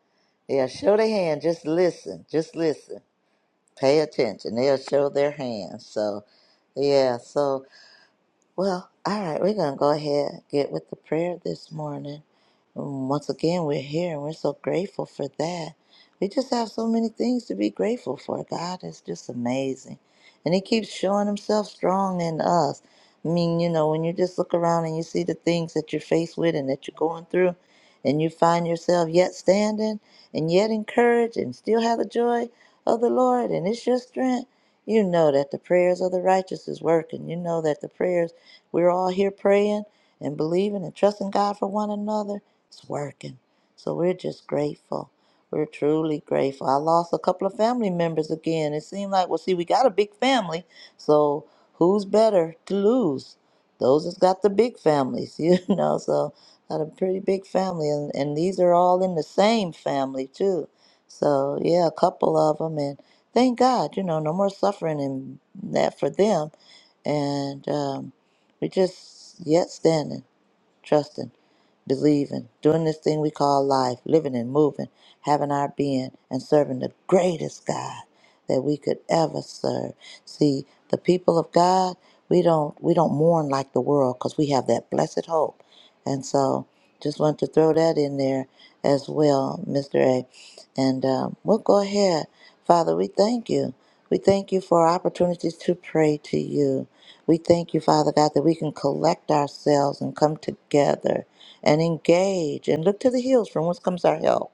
Speaker 2: They'll show their hand. Just listen. Just listen. pay attention. They'll show their hands. So, yeah. So, well, all right. We're gonna go ahead get with the prayer this morning. Um, Once again, we're here and we're so grateful for that. We just have so many things to be grateful for. God is just amazing. And He keeps showing Himself strong in us. I mean, you know, when you just look around and you see the things that you're faced with and that you're going through, and you find yourself yet standing and yet encouraged and still have the joy of the Lord, and it's your strength, you know that the prayers of the righteous is working. You know that the prayers we're all here praying and believing and trusting God for one another. It's working. So we're just grateful. We're truly grateful. I lost a couple of family members again. It seemed like, well, see, we got a big family. So who's better to lose? Those that's got the big families, [laughs] you know. So got a pretty big family, and, and these are all in the same family too. So yeah, a couple of them, and thank God, you know, no more suffering in that for them. And um, we just yet standing, trusting believing, doing this thing we call life, living and moving, having our being, and serving the greatest God that we could ever serve. See, the people of God, we don't we don't mourn like the world because we have that blessed hope. And so, just want to throw that in there as well, Mr. A. And um, we'll go ahead, Father. We thank you. We thank you for opportunities to pray to you. We thank you, Father God, that we can collect ourselves and come together and engage and look to the hills from whence comes our help,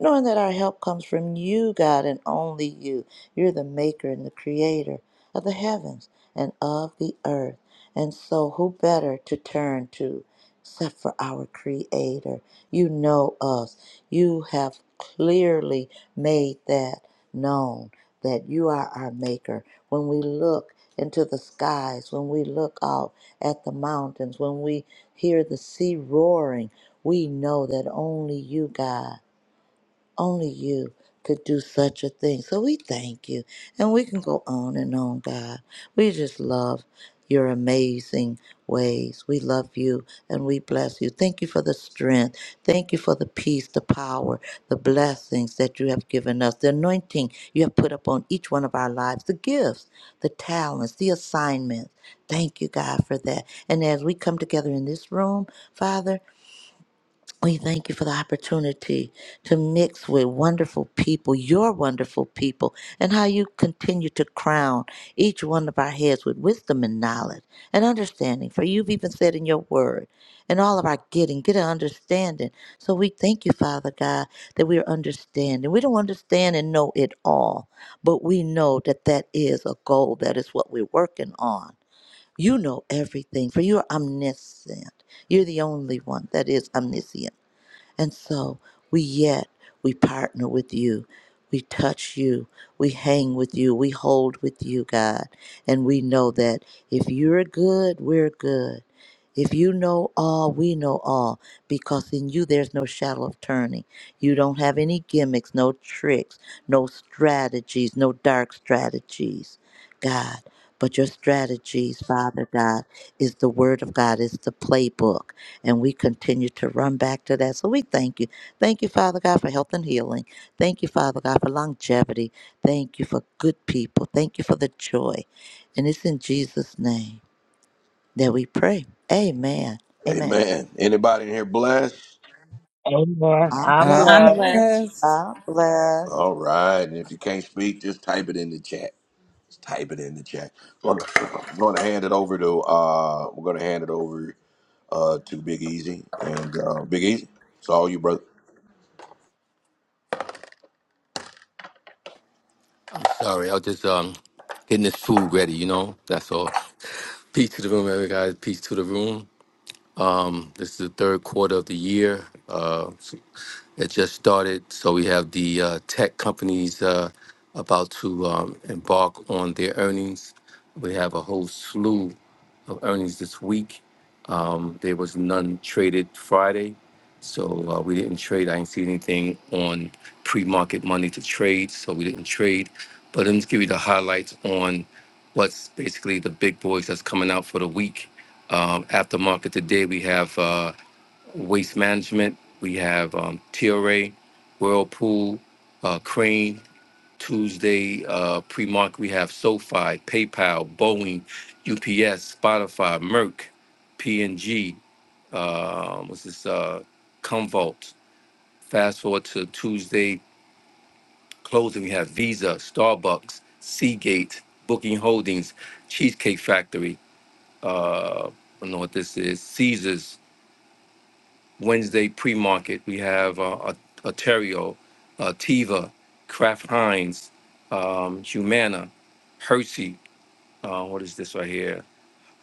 Speaker 2: knowing that our help comes from you, God, and only you. You're the maker and the creator of the heavens and of the earth. And so, who better to turn to? except for our Creator. You know us. You have clearly made that known that you are our Maker. When we look into the skies, when we look out at the mountains, when we hear the sea roaring, we know that only you, God. Only you could do such a thing. So we thank you. And we can go on and on, God. We just love your amazing ways. We love you and we bless you. Thank you for the strength. Thank you for the peace, the power, the blessings that you have given us, the anointing you have put upon each one of our lives, the gifts, the talents, the assignments. Thank you, God, for that. And as we come together in this room, Father, we thank you for the opportunity to mix with wonderful people, your wonderful people, and how you continue to crown each one of our heads with wisdom and knowledge and understanding. For you've even said in your word, and all of our getting, get an understanding. So we thank you, Father God, that we are understanding. We don't understand and know it all, but we know that that is a goal, that is what we're working on. You know everything, for you are omniscient. You're the only one that is omniscient. And so we yet, we partner with you. We touch you. We hang with you. We hold with you, God. And we know that if you're good, we're good. If you know all, we know all, because in you there's no shadow of turning. You don't have any gimmicks, no tricks, no strategies, no dark strategies, God. But your strategies, Father God, is the Word of God, is the playbook. And we continue to run back to that. So we thank you. Thank you, Father God, for health and healing. Thank you, Father God, for longevity. Thank you for good people. Thank you for the joy. And it's in Jesus' name that we pray. Amen. Amen.
Speaker 1: Amen. Anybody in here blessed?
Speaker 6: Amen.
Speaker 2: I'm
Speaker 6: I'm
Speaker 5: I'm
Speaker 9: I'm
Speaker 6: blessed.
Speaker 2: blessed.
Speaker 9: blessed.
Speaker 5: blessed.
Speaker 2: I'm blessed.
Speaker 1: All right. And if you can't speak, just type it in the chat. Just type it in the chat. I'm going to [clears throat] hand it over to. Uh, we're going to hand it over uh, to Big Easy and uh, Big Easy. It's all you, brother.
Speaker 7: I'm sorry. I was just um getting this food ready. You know, that's all. Peace to the room, everybody. guys. Peace to the room. Um, this is the third quarter of the year. Uh, It just started, so we have the uh, tech companies uh, about to um, embark on their earnings. We have a whole slew of earnings this week. Um, there was none traded Friday, so uh, we didn't trade. I didn't see anything on pre-market money to trade, so we didn't trade. But let me just give you the highlights on what's basically the big boys that's coming out for the week. Um, after market today, we have. uh, Waste Management. We have um, TRA, Whirlpool, uh, Crane. Tuesday uh, pre-market, we have SoFi, PayPal, Boeing, UPS, Spotify, Merck, P&G. Uh, what's this? Uh, Comvault. Fast forward to Tuesday closing, we have Visa, Starbucks, Seagate, Booking Holdings, Cheesecake Factory. Uh, I don't know what this is. Caesars. Wednesday pre-market. We have uh, Ontario, uh, Tiva, Kraft Heinz, um, Humana, Hershey. Uh, what is this right here?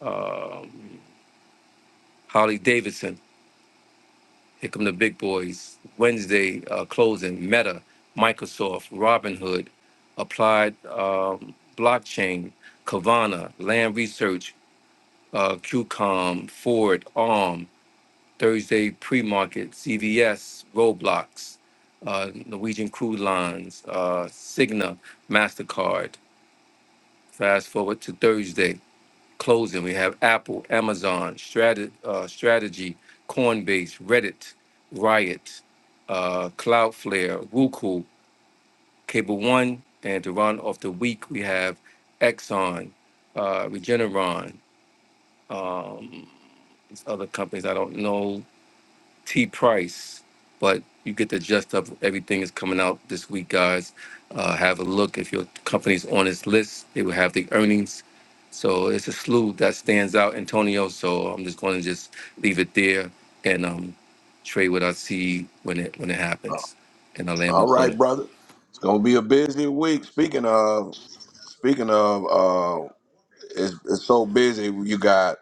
Speaker 7: Um, Holly Davidson. Here come the big boys. Wednesday uh, closing. Meta, Microsoft, Robinhood, Applied um, Blockchain, Kavana, Land Research, uh, QCOM, Ford, Arm. Thursday pre-market, CVS, Roblox, uh, Norwegian Cruise Lines, uh, Cigna, Mastercard. Fast forward to Thursday closing, we have Apple, Amazon, Strat- uh, Strategy, Coinbase, Reddit, Riot, uh, Cloudflare, Roku, Cable One, and to run off the week, we have Exxon, uh, Regeneron, uh, other companies I don't know, T Price, but you get the gist of everything is coming out this week, guys. Uh, have a look if your company's on this list. They will have the earnings. So it's a slew that stands out, Antonio. So I'm just going to just leave it there and um, trade what I see when it when it
Speaker 1: Uh,
Speaker 7: happens, and I land my
Speaker 1: all right,
Speaker 7: plane.
Speaker 1: brother. It's going to be a busy week. Speaking of, speaking of, uh, it's, it's so busy. You got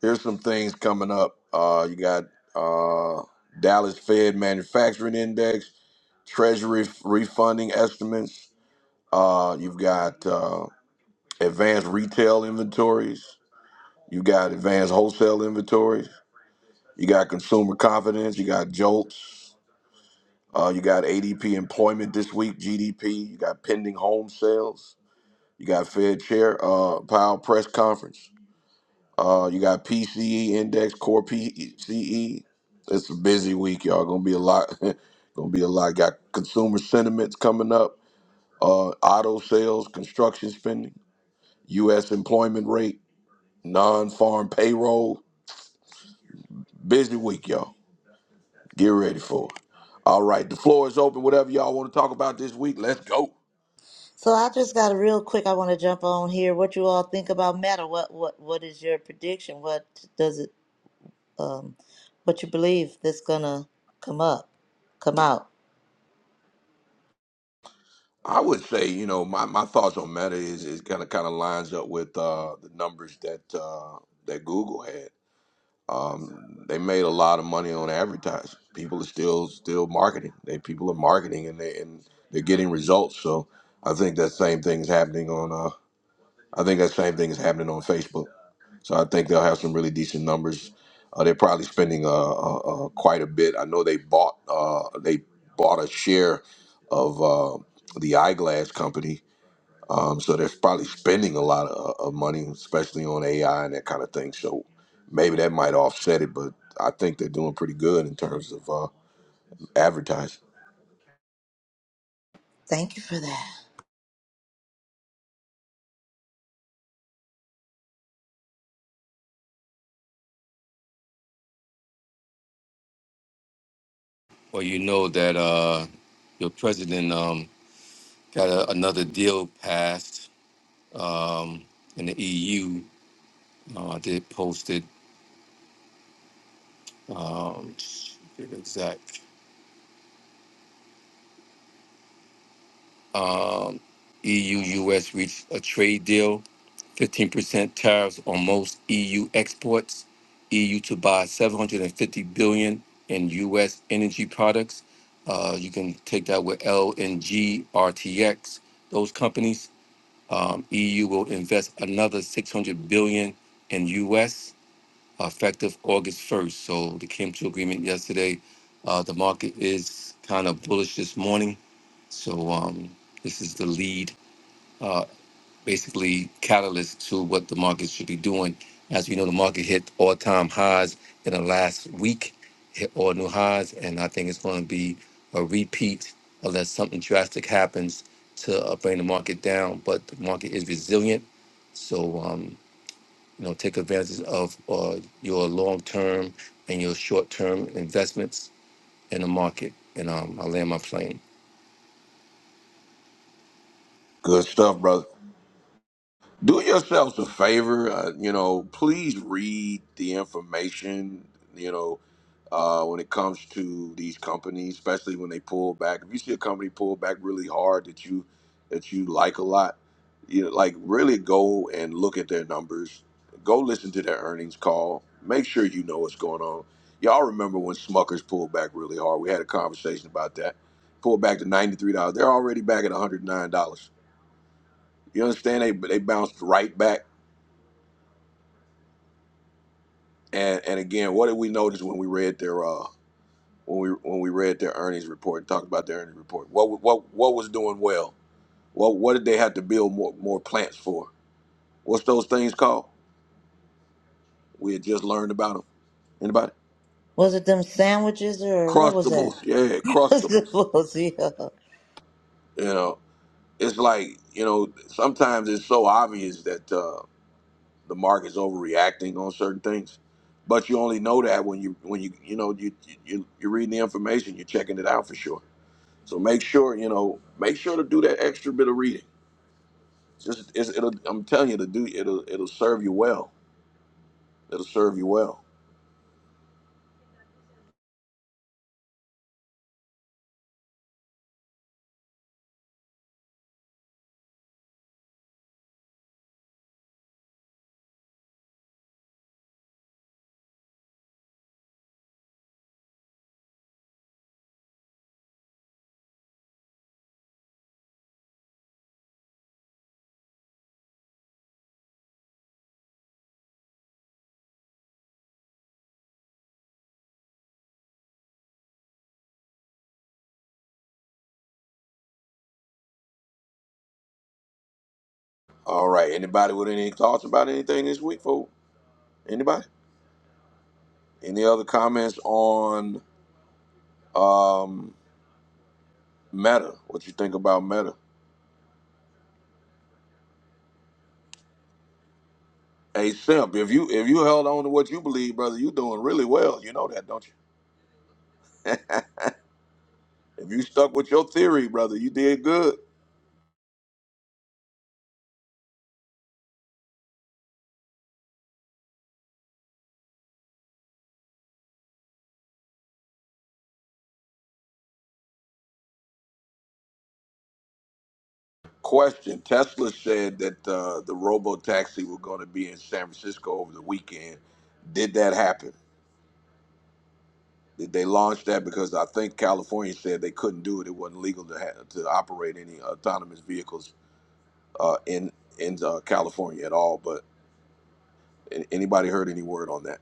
Speaker 1: Here's some things coming up. Uh, you got uh, Dallas Fed Manufacturing Index, Treasury f- refunding estimates. Uh, you've got uh, advanced retail inventories. You got advanced wholesale inventories. You got consumer confidence. You got jolts. Uh, you got ADP employment this week, GDP. You got pending home sales. You got Fed Chair uh, Powell press conference. Uh, you got PCE index, core PCE. It's a busy week, y'all. Gonna be a lot. [laughs] gonna be a lot. Got consumer sentiments coming up. Uh, auto sales, construction spending, U.S. employment rate, non-farm payroll. Busy week, y'all. Get ready for it. All right, the floor is open. Whatever y'all want to talk about this week, let's go.
Speaker 2: So I just got a real quick. I want to jump on here. What you all think about matter? What what what is your prediction? What does it? Um, what you believe that's gonna come up, come out?
Speaker 1: I would say, you know, my, my thoughts on Meta is is kind of kind of lines up with uh, the numbers that uh, that Google had. Um, they made a lot of money on advertising. People are still still marketing. They people are marketing and they and they're getting results. So I think that same thing is happening on. Uh, I think that same thing is happening on Facebook. So I think they'll have some really decent numbers. Uh, they're probably spending uh, uh, uh, quite a bit. I know they bought uh, they bought a share of uh, the eyeglass company um, so they're probably spending a lot of, of money, especially on AI and that kind of thing. So maybe that might offset it, but I think they're doing pretty good in terms of uh, advertising.
Speaker 2: Thank you for that.
Speaker 7: Well, you know that uh, your president um, got a, another deal passed um, in the EU. Uh, I did post it. Um, Um, EU US reached a trade deal, 15% tariffs on most EU exports, EU to buy 750 billion in US energy products. Uh, you can take that with LNG, RTX, those companies. Um, EU will invest another 600 billion in US effective August 1st. So they came to agreement yesterday. Uh, the market is kind of bullish this morning so um, this is the lead, uh, basically catalyst to what the market should be doing. As we know, the market hit all-time highs in the last week, hit all new highs, and I think it's going to be a repeat unless something drastic happens to uh, bring the market down. But the market is resilient, so um, you know take advantage of uh, your long-term and your short-term investments in the market. And um, I land my plane.
Speaker 1: Good stuff, brother. do yourselves a favor uh, you know please read the information you know uh, when it comes to these companies especially when they pull back if you see a company pull back really hard that you that you like a lot you know, like really go and look at their numbers go listen to their earnings call make sure you know what's going on y'all remember when smuckers pulled back really hard we had a conversation about that pulled back to $93 they're already back at $109 you understand they, they bounced right back And and again, what did we notice when we read their uh when we when we read their earnings report and talked about their earnings report? What what what was doing well? What what did they have to build more more plants for? What's those things called? We had just learned about them. Anybody?
Speaker 2: Was it them sandwiches or what was that?
Speaker 1: Crustables. Yeah,
Speaker 2: [laughs]
Speaker 1: crustables.
Speaker 2: What was it?
Speaker 1: You know, it's like you know sometimes it's so obvious that uh, the market's overreacting on certain things, but you only know that when you when you you know you you you're reading the information, you're checking it out for sure. So make sure you know, make sure to do that extra bit of reading. Just it's, it'll, I'm telling you to do it'll it'll serve you well. It'll serve you well. All right. Anybody with any thoughts about anything this week, folks? Anybody? Any other comments on um, Meta? What you think about Meta? Hey Simp, if you if you held on to what you believe, brother, you doing really well. You know that, don't you? [laughs] if you stuck with your theory, brother, you did good. Question: Tesla said that uh, the robo taxi were going to be in San Francisco over the weekend. Did that happen? Did they launch that? Because I think California said they couldn't do it; it wasn't legal to ha- to operate any autonomous vehicles uh, in in uh, California at all. But an- anybody heard any word on that?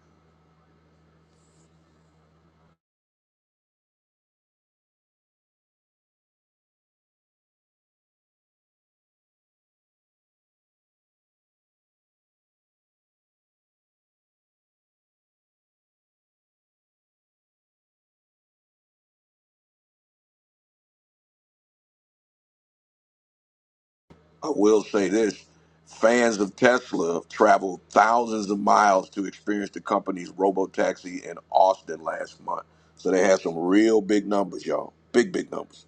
Speaker 1: I will say this: fans of Tesla traveled thousands of miles to experience the company's robo taxi in Austin last month. So they had some real big numbers, y'all. Big big numbers.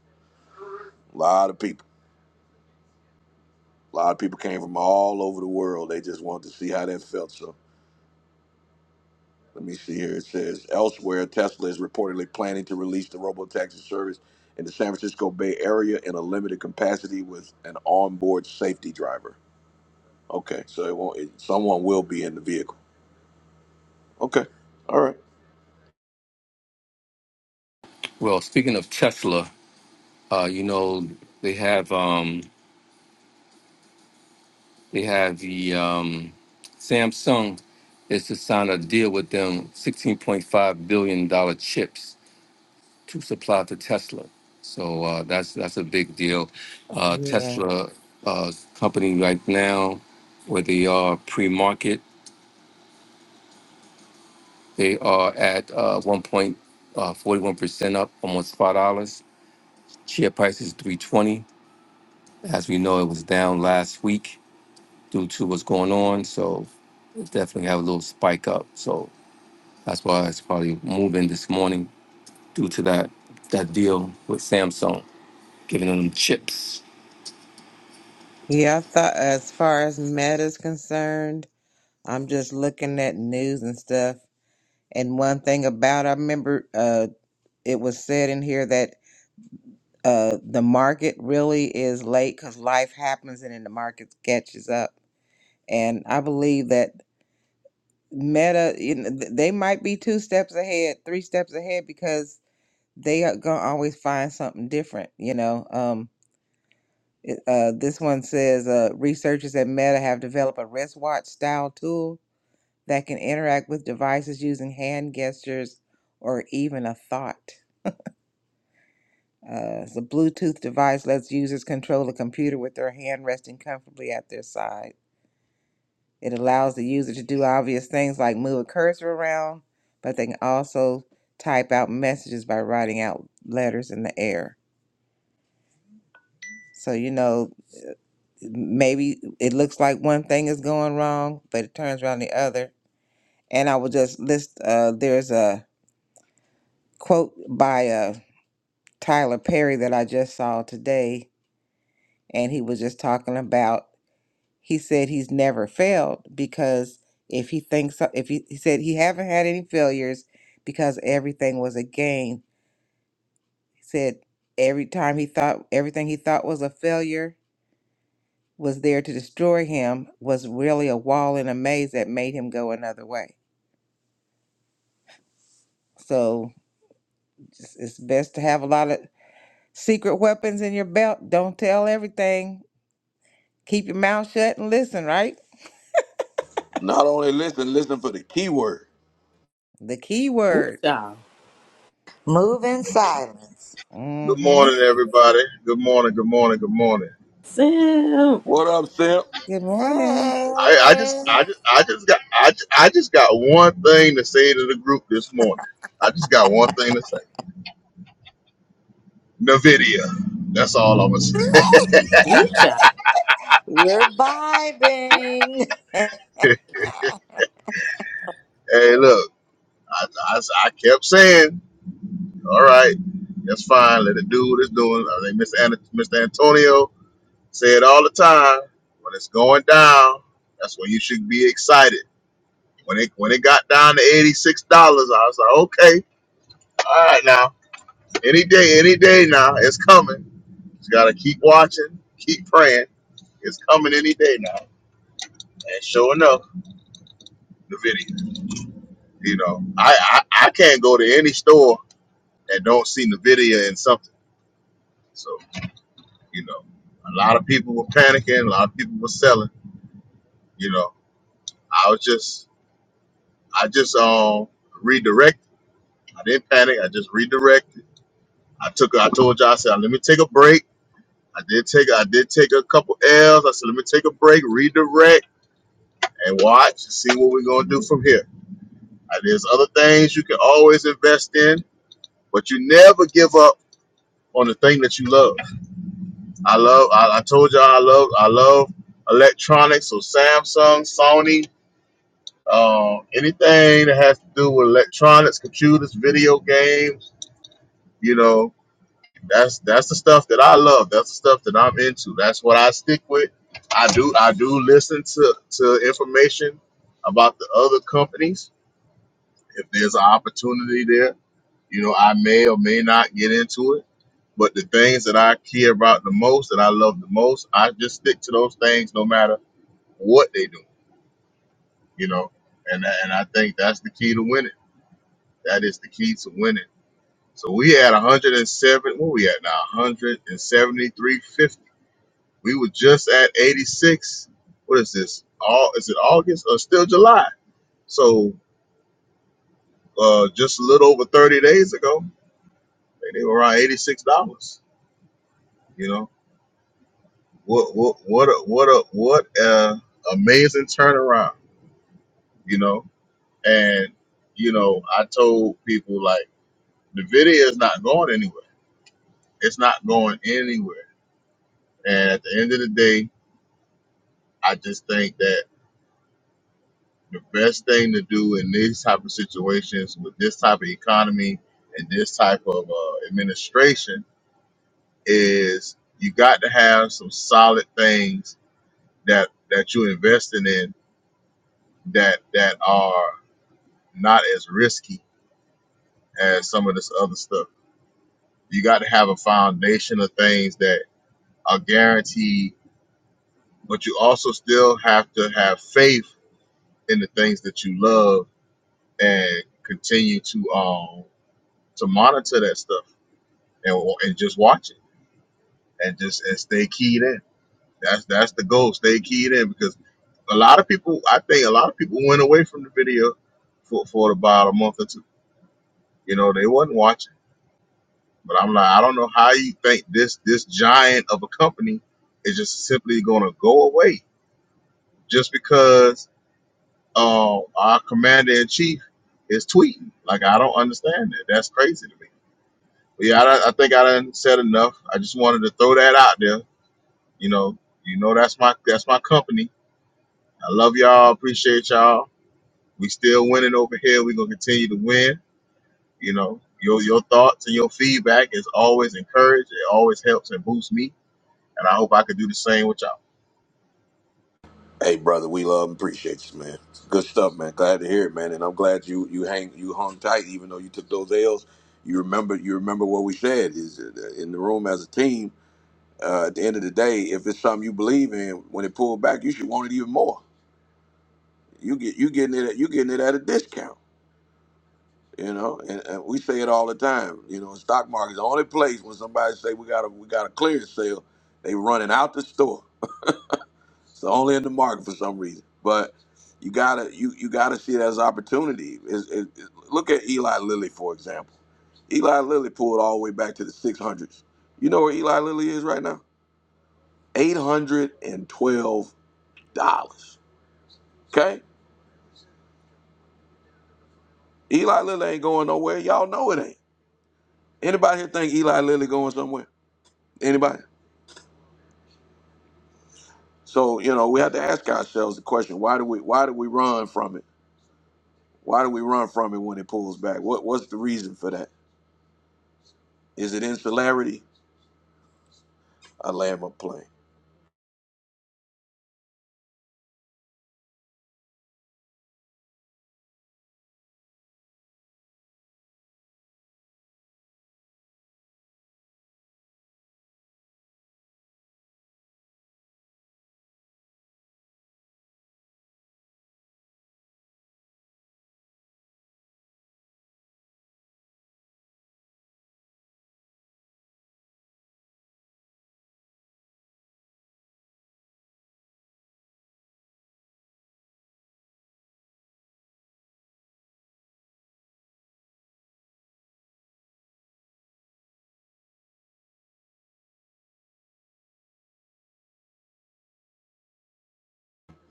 Speaker 1: A lot of people. A lot of people came from all over the world. They just wanted to see how that felt. So let me see here. It says elsewhere, Tesla is reportedly planning to release the robotaxi service in the San Francisco Bay Area in a limited capacity with an onboard safety driver. Okay, so it won't. It, someone will be in the vehicle. Okay, all right.
Speaker 7: Well, speaking of Tesla. Uh, you know, they have um, they have the um, Samsung is to sign a deal with them, sixteen point five billion dollar chips to supply to Tesla. So uh, that's that's a big deal. Uh,
Speaker 5: Yeah.
Speaker 7: Tesla uh, company right now, where they are pre-market, they are at uh, one point uh, forty-one percent up, almost five dollars. Share price is three twenty. As we know, it was down last week due to what's going on. So definitely have a little spike up. So that's why it's probably moving this morning due to that that deal with Samsung giving them chips.
Speaker 5: Yeah, I thought as far as meta's concerned, I'm just looking at news and stuff. And one thing about I remember uh it was said in here that uh the market really is late cuz life happens and then the market catches up. And I believe that meta you know, th- they might be two steps ahead, three steps ahead because they are going to always find something different, you know. Um It, uh, this one says uh, researchers at Meta have developed a wristwatch style tool that can interact with devices using hand gestures or even a thought. Uh, the Bluetooth device lets users control a computer with their hand resting comfortably at their side. It allows the user to do obvious things like move a cursor around, but they can also type out messages by writing out letters in the air. So, you know, maybe it looks like one thing is going wrong, but it turns around the other. And I will just list uh, there's a quote by uh, Tyler Perry that I just saw today, and he was just talking about he said he's never failed because if he thinks so- if he, he said he haven't had any failures because everything was a gain. He said every time he thought everything he thought was a failure was there to destroy him was really a wall and a maze that made him go another way So it's it's best to have a lot of secret weapons in your belt. Don't tell everything. Keep your mouth shut and listen, right?
Speaker 1: Not only listen, listen for the keyword.
Speaker 5: The key word.
Speaker 3: Ooh-cha.
Speaker 2: Move in silence.
Speaker 10: Good
Speaker 5: Mm-hmm.
Speaker 10: morning, everybody. Good morning. Good morning. Good morning.
Speaker 3: Sam.
Speaker 1: What up, Simp?
Speaker 5: Good morning.
Speaker 2: Hey,
Speaker 10: I, I just, I just, I just got, I, ju- I just got one thing to say to the group this morning. I just got one thing to say. Nvidia. That's all I'm gonna say.
Speaker 2: [laughs]
Speaker 3: Ooh-cha.
Speaker 2: we're vibing. [laughs]
Speaker 10: Hey, look, I, I, I kept saying, all right, that's fine. Let it do what it's doing. I think Mr. An- Mr. Antonio said all the time when it's going down, that's when you should be excited. When it when it got down to eighty six dollars, I was like, okay, all right now. Any day, any day now, it's coming. Just gotta keep watching, keep praying. It's coming any day now. And sure enough, Nvidia. You know, I I, I can't go to any store and don't see Nvidia in something. So you know, a lot of people were panicking. A lot of people were selling. You know, I was just I just um redirected. I didn't panic. I just redirected. I took I told you all I said let me take a break. I did take I did take a couple L's. I said let me take a break, redirect and watch and see what we're going to do from here. Uh, There's other things you can always invest in, but you never give up on the thing that you love. I love. I, I told y'all I love. I love electronics. So Samsung, Sony, uh, anything that has to do with electronics, computers, video games. You know, that's that's the stuff that I love. That's the stuff that I'm into. That's what I stick with. I do. I do listen to to information about the other companies If there's an opportunity there, you know, I may or may not get into it. But the things that I care about the most, that I love the most, I just stick to those things no matter what they do, you know. And and I think that's the key to winning. That is the key to winning. So we had 107. What we at now? 173.50. We were just at 86. What is this? All is it August or still July? So uh, just a little over 30 days ago, they they were around $86. You know what what what a, what a, what a amazing turnaround. You know, and you know I told people like the video is not going anywhere. It's not going anywhere. And at the end of the day, I just think that the best thing to do in these type of situations with this type of economy and this type of uh, administration is you got to have some solid things that that you're investing in that that are not as risky as some of this other stuff. You got to have a foundation of things that are guaranteed, but you also still have to have faith in the things that you love and continue to um to monitor that stuff and and just watch it and just and stay keyed in. That's that's the goal. Stay keyed in because a lot of people, I think, a lot of people went away from the video for for about a month or two. You know, they wasn't watching But I'm like, I don't know how you think this this giant of a company is just simply going to go away just because uh, our commander in chief is tweeting. Like, I don't understand that. That's crazy to me. But yeah, I, don't- I think I done said enough. I just wanted to throw that out there. You know, you know that's my that's my company. I love y'all. Appreciate y'all. We still winning over here. We're gonna continue to win. You know, your your thoughts and your feedback is always encouraged. It always helps and boosts me And I hope I could do the same with y'all.
Speaker 1: Hey, brother, we love and appreciate you, man. Good stuff, man. Glad to hear it, man. And I'm glad you you hang you hung tight, even though you took those L's. You remember you remember what we said is uh, in the room as a team. Uh, at the end of the day, if it's something you believe in, when it pulled back, you should want it even more. You get you getting it at, you getting it at a discount, you know. And, and we say it all the time. You know, stock market's the only place when somebody say we got a we got a clearance sale, they running out the store. It's only in the market for some reason. But you gotta you you gotta see it as an opportunity. It's- it- it- look at Eli Lilly for example. Eli Lilly pulled all the way back to the six hundreds. You know where Eli Lilly is right now? Eight hundred and twelve dollars. Okay, Eli Lilly ain't going nowhere. Y'all know it ain't. Anybody here think Eli Lilly going somewhere? Anybody? So you know we have to ask ourselves the question: Why do we why do we run from it? Why do we run from it when it pulls back? What what's the reason for that? Is it insularity? I land my plane.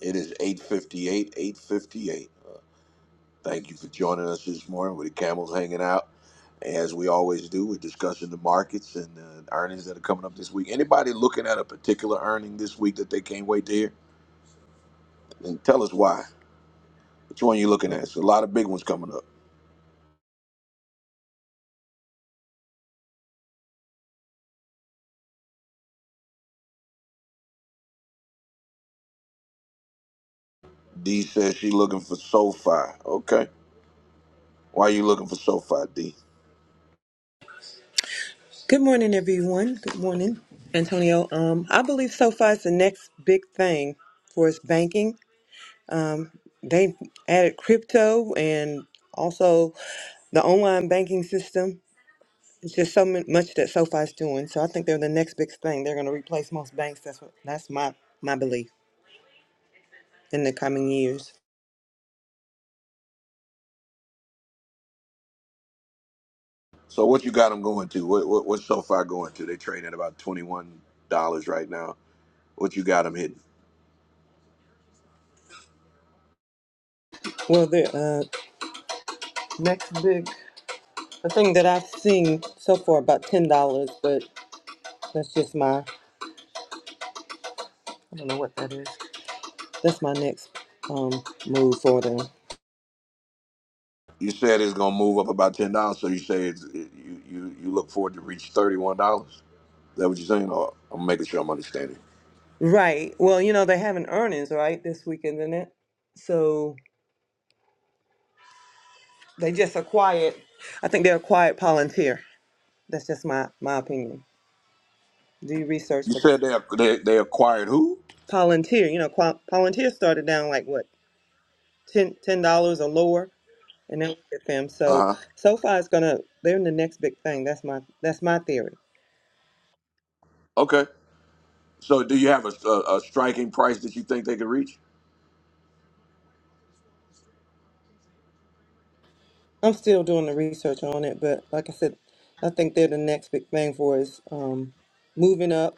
Speaker 1: It is 8.58, 8.58. Thank you for joining us this morning with the camels hanging out. As we always do, we're discussing the markets and uh, earnings that are coming up this week. Anybody looking at a particular earning this week that they can't wait to hear? And tell us why. Which one you looking at? It's a lot of big ones coming up. D says she looking for SoFi. Okay. Why are you looking for SoFi, D?
Speaker 11: Good morning, everyone. Good morning, Antonio. Um, I believe SoFi is the next big thing for its banking. They added crypto and also the online banking system. It's just so mu- much that SoFi is doing. So I think they're the next big thing. They're going to replace most banks. That's what, that's my my belief in the coming years.
Speaker 1: So what you got them going to? What, what, what's SoFi going to? They trading at about $21 right now. What you got them hitting?
Speaker 11: Well, the uh, next big the thing that I've seen so far about ten dollars, but that's just my I don't know what that is. That's my next um move for them.
Speaker 1: You said it's gonna move up about ten dollars, so you say it's, it, you you you look forward to reach thirty one dollars. Is that what you're saying? Or I'm making sure I'm understanding.
Speaker 11: Right. Well, you know they having earnings right this weekend, isn't it? So they just a quiet. I think they're a quiet volunteer. That's just my my opinion. Do research
Speaker 1: You
Speaker 11: for that.
Speaker 1: said they ac- they, they acquired who?
Speaker 11: Volunteer. You know, qua- volunteer started down like what ten ten dollars or lower, and then look at them. So
Speaker 1: Uh huh.
Speaker 11: so far it's gonna they're in the next big thing. That's my that's my theory.
Speaker 1: Okay. So do you have a, a, a striking price that you think they could reach?
Speaker 11: I'm still doing the research on it, but like I said, I think they're the next big thing for us. Um, moving up.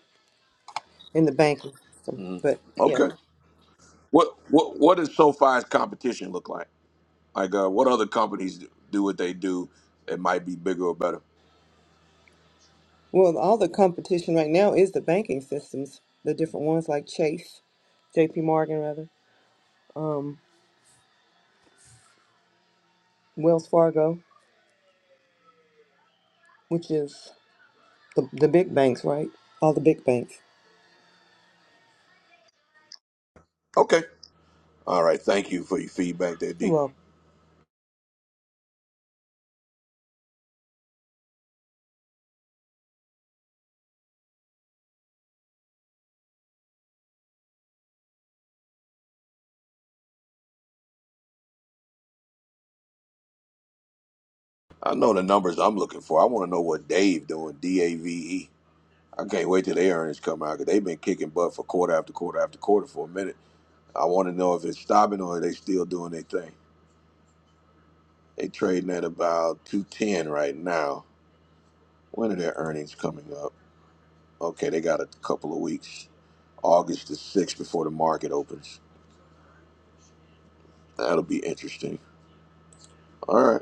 Speaker 11: in the banking system.
Speaker 1: hmm
Speaker 11: But yeah,
Speaker 1: Okay. What what what does SoFi's competition look like? Like uh, what other companies do what they do that might be bigger or better?
Speaker 11: well, all the competition right now is the banking systems, the different ones like Chase, J.P. Morgan rather, um, Wells Fargo, which is the the big banks, right? All the big banks.
Speaker 1: Okay. All right. Thank you for your feedback, there, D.
Speaker 11: Well,
Speaker 1: I know the numbers I'm looking for. I want to know what Dave doing. D A V E. I can't wait till the air earnings come out because they've been kicking butt for quarter after quarter after quarter for a minute. I want to know if it's stopping or are they still doing their thing. They trading at about two ten right now. When are their earnings coming up? Okay, they got a couple of weeks. August the sixth before the market opens. That'll be interesting. All right.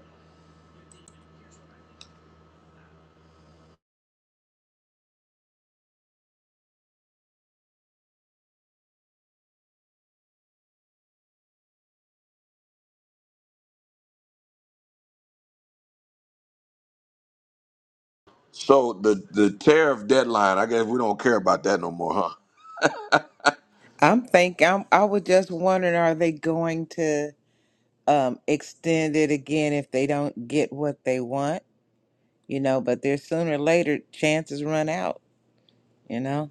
Speaker 1: So the the tariff deadline. I guess we don't care about that no more, huh?
Speaker 5: I'm think I'm I was just wondering, are they going to um extend it again if they don't get what they want? You know, but there's sooner or later chances run out, you know?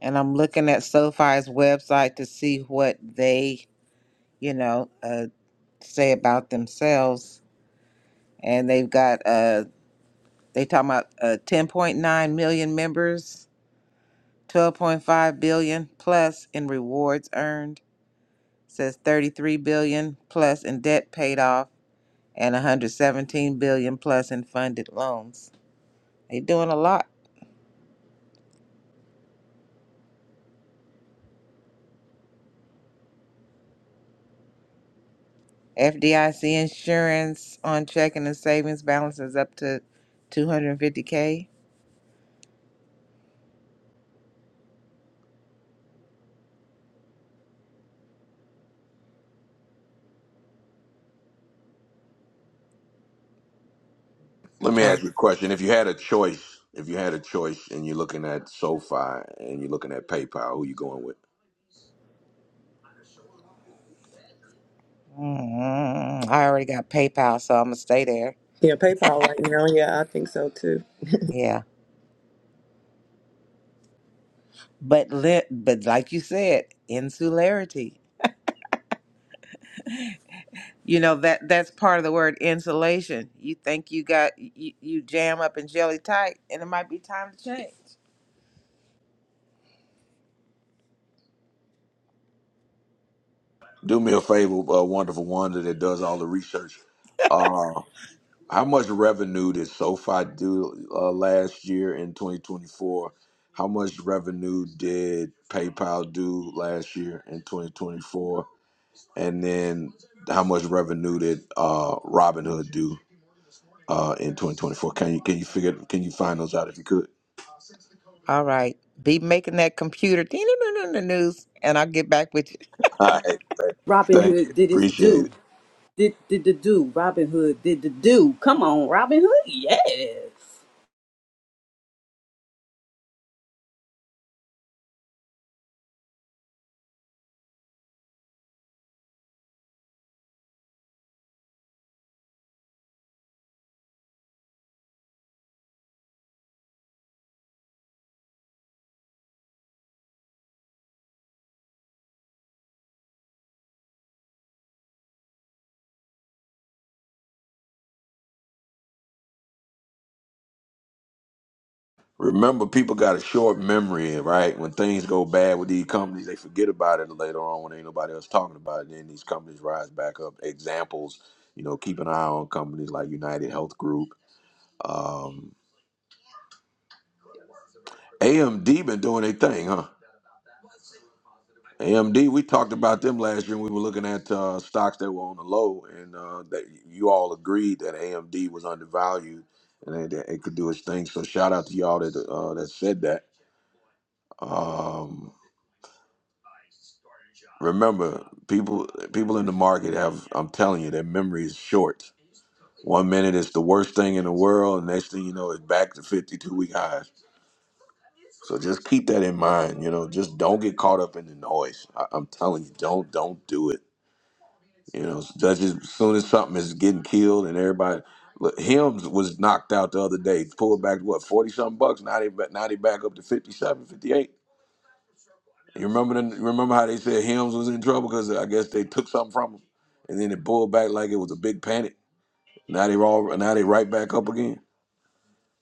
Speaker 5: And I'm looking at SoFi's website to see what they, you know, uh, say about themselves and they've got uh they talking about uh 10.9 million members 12.5 billion plus in rewards earned says 33 billion plus in debt paid off and 117 billion plus in funded loans they doing a lot fdic insurance on checking and savings balances up to 250k
Speaker 1: Let me
Speaker 5: Sorry.
Speaker 1: ask you a question. If you had a choice, if you had a choice, and you're looking at SoFi and you're looking at PayPal, who you going with?
Speaker 5: Mm, I already got PayPal, so I'm gonna stay there.
Speaker 11: yeah, PayPal right now. Yeah, I think so too.
Speaker 5: Yeah, but lit, but like you said, insularity. You know that that's part of the word insulation. You think you got you, you jam up and jelly tight, and it might be time to change.
Speaker 1: do me a favor, uh, wonderful wonder that does all the research. Uh, how much revenue did SoFi do uh, last year in 2024? How much revenue did PayPal do last year in 2024? And then how much revenue did uh, Robinhood do uh, in 2024? Can you can you figure can you find those out if you could?
Speaker 5: All right, be making that computer [tsk] news, and I'll get back with you.
Speaker 1: [laughs] All right,
Speaker 3: Robin
Speaker 1: thank you,
Speaker 3: Hood did his
Speaker 1: appreciate it.
Speaker 3: due. Did did the do Robin Hood? Did the do? Come on, Robin Hood. Yes,
Speaker 1: Remember, people got a short memory, right? When things go bad with these companies, they forget about it later on when ain't nobody else talking about it. Then these companies rise back up. Examples, you know, keep an eye on companies like United Health Group. Um, AMD been doing their thing, huh? AMD, we talked about them last year. and We were looking at uh, stocks that were on the low, and uh, that you all agreed that AMD was undervalued and it, it could do its thing. So shout out to y'all that uh, that said that. Um, remember people people in the market have i'm telling you their memory is short one minute it's the worst thing in the world and next thing you know it's back to 52 week highs so just keep that in mind you know just don't get caught up in the noise I, i'm telling you don't don't do it you know that's just as soon as something is getting killed and everybody look hims was knocked out the other day pulled back to what 40 something bucks now they, ba- now they back up to 57, 58. You remember the, you remember how they said Hims was in trouble because I guess they took something from him, and then it pulled back like it was a big panic. Now they all now they right back up again.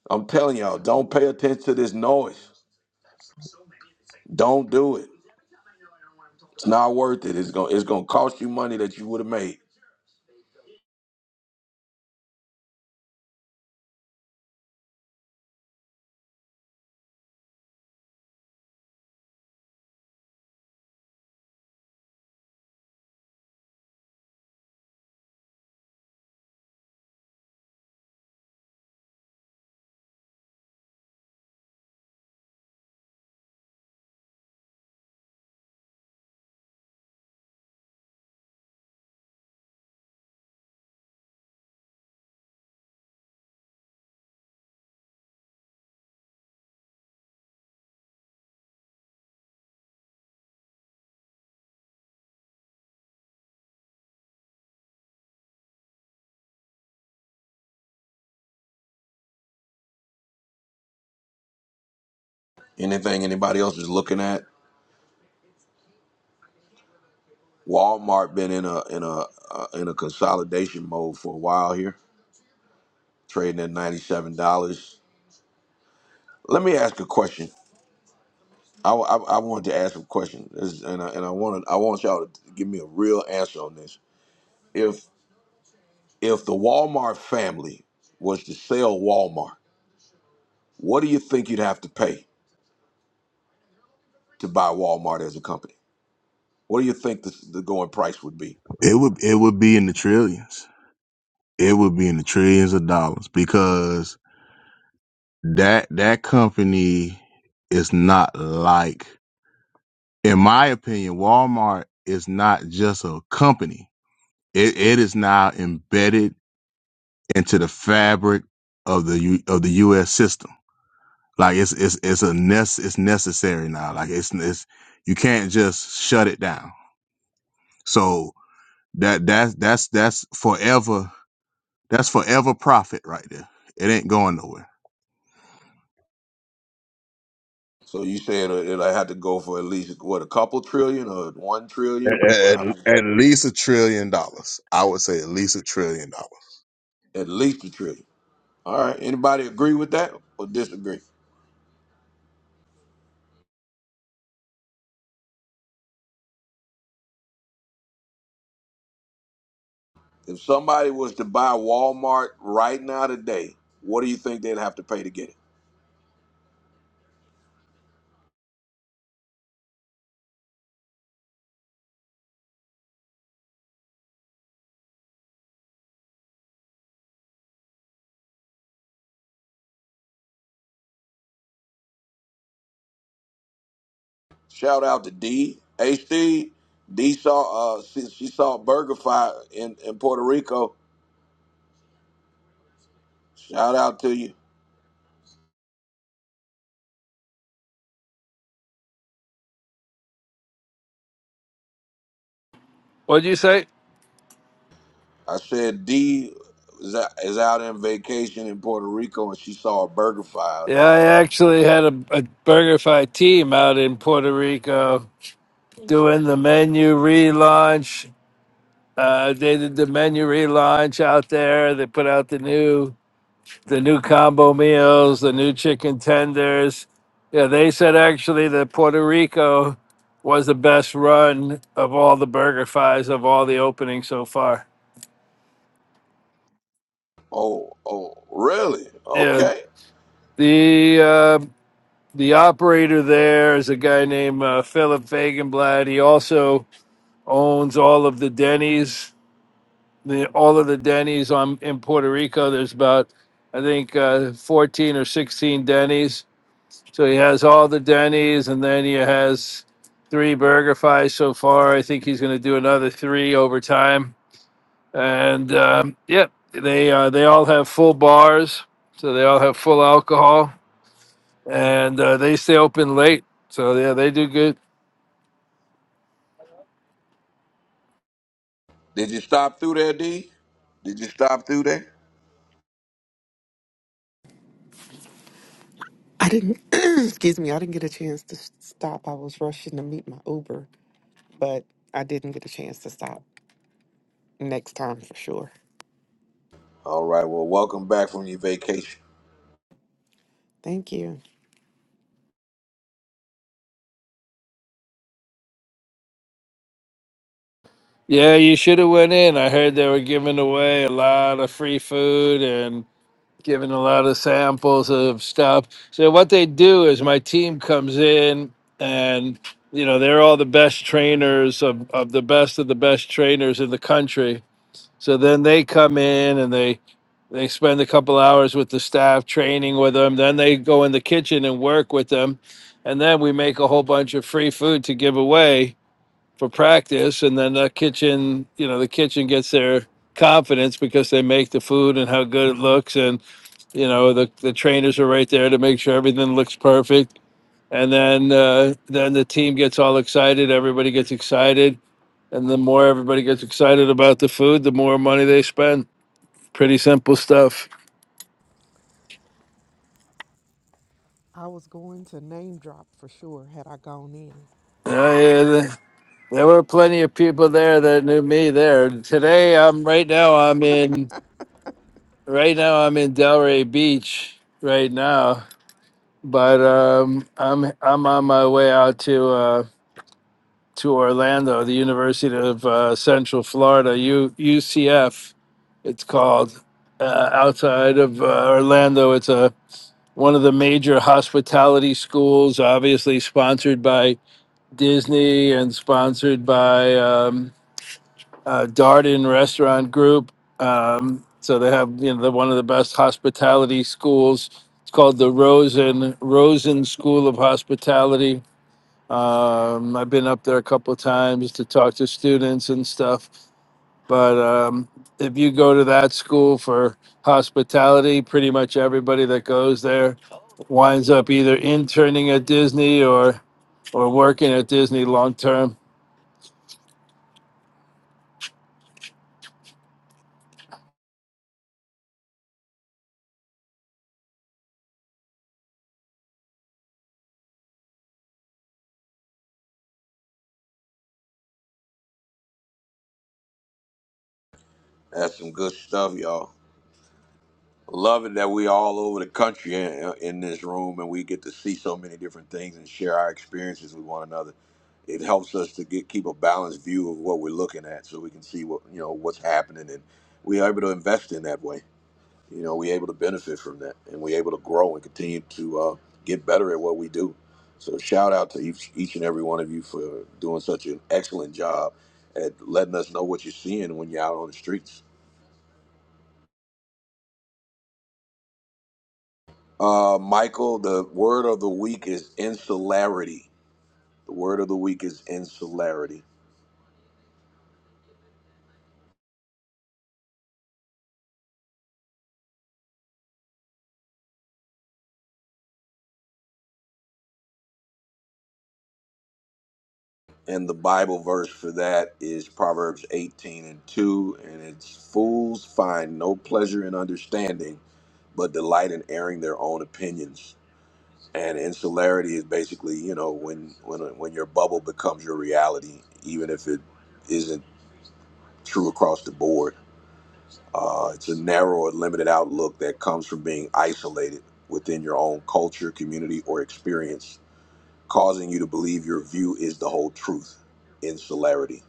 Speaker 1: I'm telling y'all, don't pay attention to this noise. Don't do it. It's not worth it. It's gonna it's gonna cost you money that you would have made. Anything anybody else is looking at. Walmart been in a in a uh, in a consolidation mode for a while here, trading at ninety seven dollars. Let me ask a question. I, I, I wanted to ask a question, This- and I, and I wanted I want y'all to give me a real answer on this. If if the Walmart family was to sell Walmart, what do you think you'd have to pay to buy Walmart as a company? What do you think the, the going price would be?
Speaker 10: It would it would be in the trillions. It would be in the trillions of dollars because that that company is not like, in my opinion, Walmart is not just a company. It it is now embedded into the fabric of the U, of the U.S. system. Like it's it's it's a nece- it's necessary now. Like it's it's you can't just shut it down. So that that's that's that's forever That's forever profit right there. It ain't going nowhere.
Speaker 1: So you said it would have to go for at least what a couple trillion or one trillion?
Speaker 10: At,
Speaker 1: What
Speaker 10: at
Speaker 1: how many
Speaker 10: at
Speaker 1: trillion?
Speaker 10: least a trillion dollars. I would say at least a trillion dollars.
Speaker 1: At least a trillion. All right. Anybody agree with that or disagree? If somebody was to buy Walmart right now today, what do you think they'd have to pay to get it? Shout out to D. H D. D saw uh she, she saw Burger Fire in, in Puerto Rico. Shout out to you.
Speaker 12: What'd you say?
Speaker 1: I said D is out, is out on vacation in Puerto Rico and she saw a burger fire out
Speaker 12: Yeah,
Speaker 1: there.
Speaker 12: I actually had a, a BurgerFi team out in Puerto Rico doing the menu relaunch. Uh, they did the menu relaunch out there. They put out the new the new combo meals, the new chicken tenders. Yeah, they said actually that Puerto Rico was the best run of all the BurgerFis of all the openings so far.
Speaker 1: Oh, oh, really?
Speaker 12: Yeah,
Speaker 1: Okay.
Speaker 12: the uh, the operator there is a guy named uh, Philip Fagenblad. He also owns all of the Denny's, the, all of the Denny's on in Puerto Rico. There's about I think uh, 14 or 16 Denny's. So he has all the Denny's, and then he has three BurgerFi so far. I think he's going to do another three over time. And um, yeah, they uh, they all have full bars, so they all have full alcohol, and uh, they stay open late. So yeah, they do good.
Speaker 1: Did you stop through there, D? Did you stop through there?
Speaker 13: I didn't, [clears throat] excuse me, I didn't get a chance to s- stop. I was rushing to meet my Uber, but I didn't get a chance to stop. Next time for sure.
Speaker 1: All right. Well, welcome back from your vacation.
Speaker 13: Thank you.
Speaker 12: Yeah, you should have went in. I heard they were giving away a lot of free food and giving a lot of samples of stuff. So what they do is my team comes in and you know, they're all the best trainers of, of the best of the best trainers in the country. So then they come in and they they spend a couple hours with the staff training with them. Then they go in the kitchen and work with them. And then we make a whole bunch of free food to give away for practice, and then the kitchen, you know, the kitchen gets their confidence because they make the food and how good it looks, and you know, the the trainers are right there to make sure everything looks perfect, and then uh, then the team gets all excited, everybody gets excited, and the more everybody gets excited about the food, the more money they spend. Pretty simple stuff.
Speaker 13: I was going to name drop for sure had I gone in.
Speaker 12: Yeah, yeah, the- there were plenty of people there that knew me there. Today, I'm right now. I'm in right now. I'm in Delray Beach right now but um, I'm I'm on my way out to uh, to Orlando, the University of uh, Central Florida, U, UCF. It's called uh, outside of uh, Orlando. It's a one of the major hospitality schools, obviously sponsored by Disney and sponsored by um, uh, Darden Restaurant Group. Um, so they have you know the, one of the best hospitality schools. It's called the Rosen Rosen School of Hospitality. Um, I've been up there a couple of times to talk to students and stuff. But um, if you go to that school for hospitality, pretty much everybody that goes there winds up either interning at Disney or or working at Disney long term.
Speaker 1: That's some good stuff, y'all. Love it that we all over the country in, in this room and we get to see so many different things and share our experiences with one another. It helps us to get keep a balanced view of what we're looking at so we can see what you know what's happening and we are able to invest in that way. You know, we're able to benefit from that and we're able to grow and continue to uh, get better at what we do. So shout out to each each and every one of you for doing such an excellent job at letting us know what you're seeing when you're out on the streets. Uh, Michael, the word of the week is insularity. The word of the week is insularity. And the Bible verse for that is Proverbs 18 and 2. And it's fools find no pleasure in understanding, but delight in airing their own opinions. And insularity is basically, you know, when, when, when your bubble becomes your reality, even if it isn't true across the board. Uh, it's a narrow and limited outlook that comes from being isolated within your own culture, community, or experience, causing you to believe your view is the whole truth. Insularity.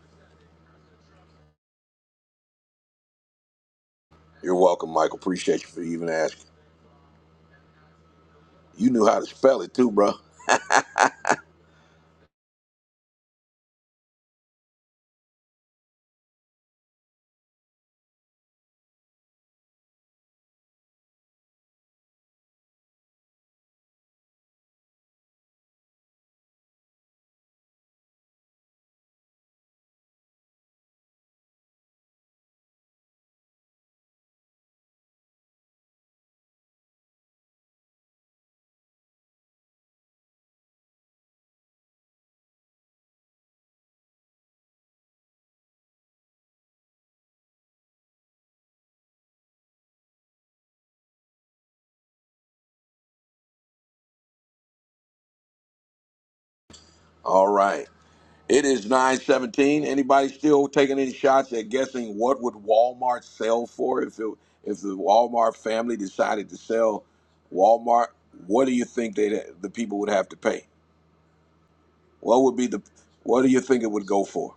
Speaker 1: You're welcome, Michael. Appreciate you for even asking. You knew how to spell it too, bro. [laughs] All right. It is 917. Anybody still taking any shots at guessing what would Walmart sell for if it, if the Walmart family decided to sell Walmart? What do you think they the people would have to pay? What would be the what do you think it would go for?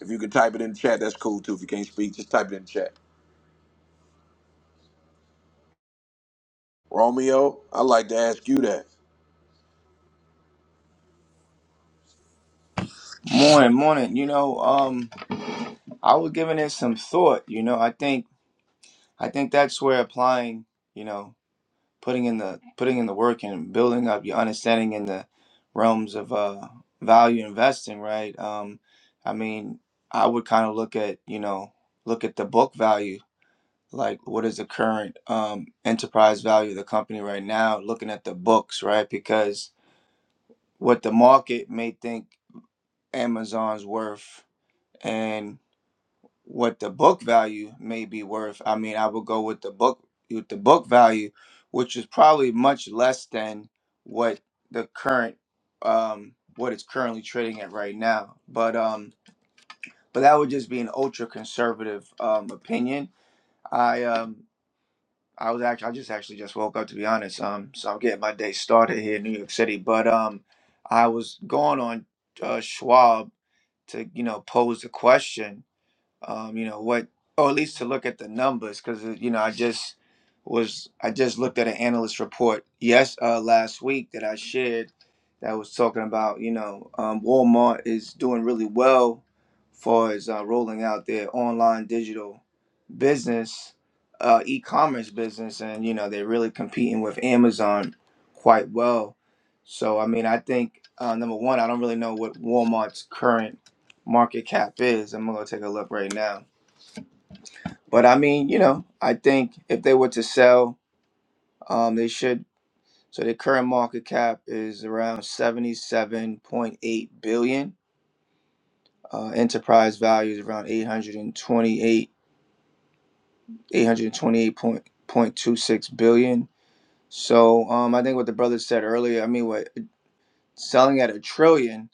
Speaker 1: If you could type it in the chat, that's cool too. If you can't speak, just type it in the chat. Romeo, I'd like to ask you that.
Speaker 14: Morning, morning. You know, um, I was giving it some thought. You know, I think I think that's where applying, you know, putting in the putting in the work and building up your understanding in the realms of uh value investing, right? Um, I mean, I would kind of look at, you know, look at the book value, like what is the current um enterprise value of the company right now, looking at the books, right? Because what the market may think Amazon's worth and what the book value may be worth. I mean, I would go with the book with the book value, which is probably much less than what the current um what it's currently trading at right now. But um but that would just be an ultra conservative um opinion. I um I was actually I just actually just woke up to be honest. Um so I'm getting my day started here in New York City, but um I was going on uh Schwab to, you know, pose the question um, you know what, or at least to look at the numbers, because you know I just was I just looked at an analyst report yes uh, last week that I shared that was talking about you know um, Walmart is doing really well far as uh, rolling out their online digital business, uh, e-commerce business, and you know they're really competing with Amazon quite well. So I mean I think uh, number one I don't really know what Walmart's current market cap is. I'm gonna take a look right now. But I mean, you know, I think if they were to sell, um, they should. So their current market cap is around 77.8 billion. Uh, enterprise value is around 828, 828.26 billion. So um, I think what the brother said earlier. I mean, what selling at a trillion.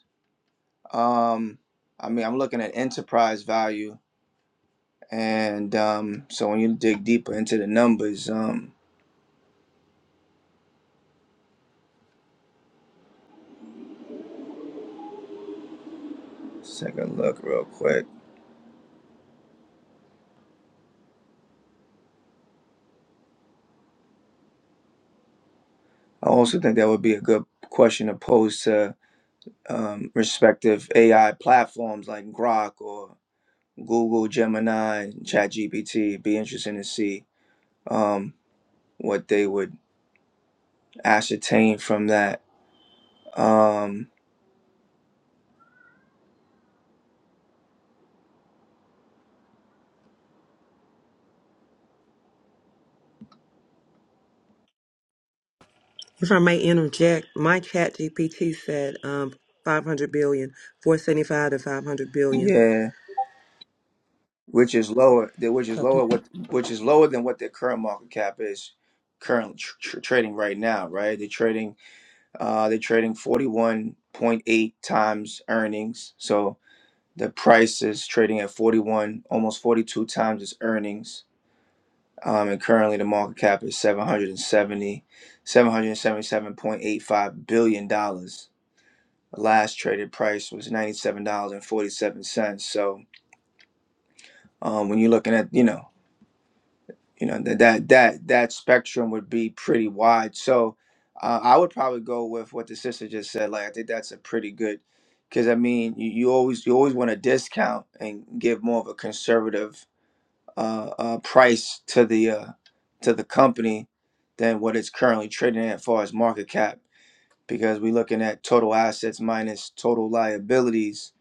Speaker 14: Um, I mean, I'm looking at enterprise value, and um, so when you dig deeper into the numbers, um, Second look real quick. I also think that would be a good question to pose to um, respective AI platforms like Grok or Google, Gemini, ChatGPT. It'd be interesting to see um, what they would ascertain from that. Um,
Speaker 11: If I may interject, my chat GPT said um, 500 billion, 475 to 500 billion.
Speaker 14: yeah, which is lower, the- which is
Speaker 11: 'Cause-
Speaker 14: lower, what which is lower than what their current market cap is currently tr- tr- trading right now. Right, they're trading uh, they're trading forty one point eight times earnings. So The price is trading at 41, almost 42 times its earnings. Um, and currently the market cap is seven hundred and seventy, seven hundred seventy seven point eight five billion billion. dollars. The last traded price was $97.47. So um, when you're looking at, you know, you know that that that that spectrum would be pretty wide. So uh, I would probably go with what the sister just said. Like I think that's a pretty good, because I mean you, you always you always want to discount and give more of a conservative uh, uh, price to the uh, to the company than what it's currently trading at, as far as market cap, because we're looking at total assets minus total liabilities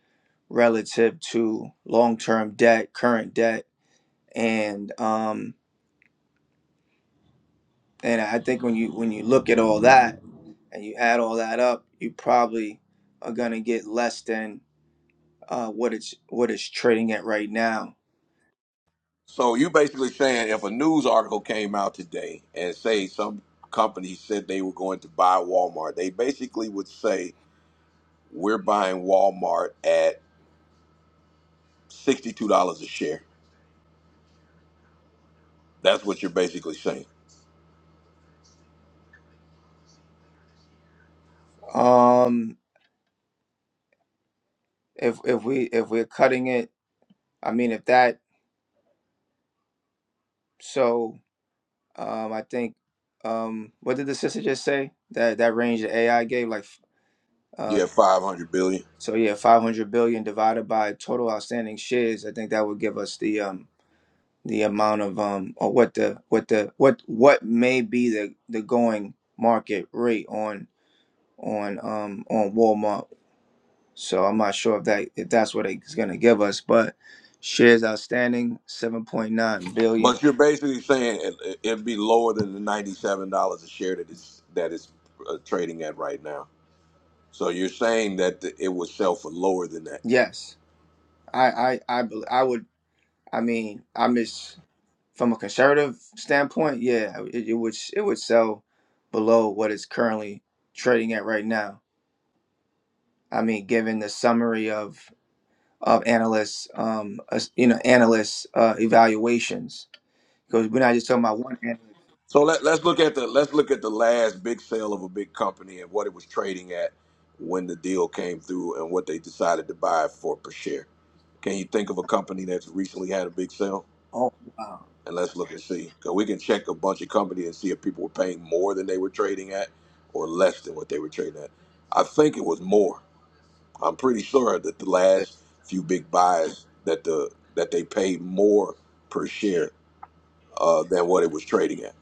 Speaker 14: relative to long-term debt, current debt, and um, and I think when you when you look at all that and you add all that up, you probably are gonna get less than uh, what it's what it's trading at right now.
Speaker 1: So you basically saying if a news article came out today and say some company said they were going to buy Walmart, they basically would say we're buying Walmart at sixty two dollars a share. That's what you're basically saying.
Speaker 14: Um, if if we if we're cutting it, I mean if that so Um, I think um, what did the sister just say? That that range that AI gave, like uh,
Speaker 1: Yeah, five hundred billion.
Speaker 14: so yeah, five hundred billion divided by total outstanding shares. I think that would give us the um the amount of um or what the what the what what may be the the going market rate on on um on Walmart. So I'm not sure if that if that's what it's gonna give us, but shares outstanding seven point nine billion.
Speaker 1: But you're basically saying it, it'd be lower than the ninety-seven dollars a share that is that is uh, trading at right now. So you're saying that the, it would sell for lower than that.
Speaker 14: Yes, I I I bel- I would. I mean, I miss. From a conservative standpoint, yeah, it, it would it would sell below what it's currently trading at right now. I mean, given the summary of of analysts, um, as- you know, analysts uh, evaluations, because we're not just talking about one. Analyst.
Speaker 1: So let, let's look at the let's look at the last big sale of a big company and what it was trading at when the deal came through and what they decided to buy for per share. Can you think of a company that's recently had a big sale?
Speaker 14: Oh wow!
Speaker 1: And let's look and see. 'Cause we can check a bunch of companies and see if people were paying more than they were trading at or less than what they were trading at. I think it was more. I'm pretty sure that the last few big buys that the that they paid more per share uh, than what it was trading at.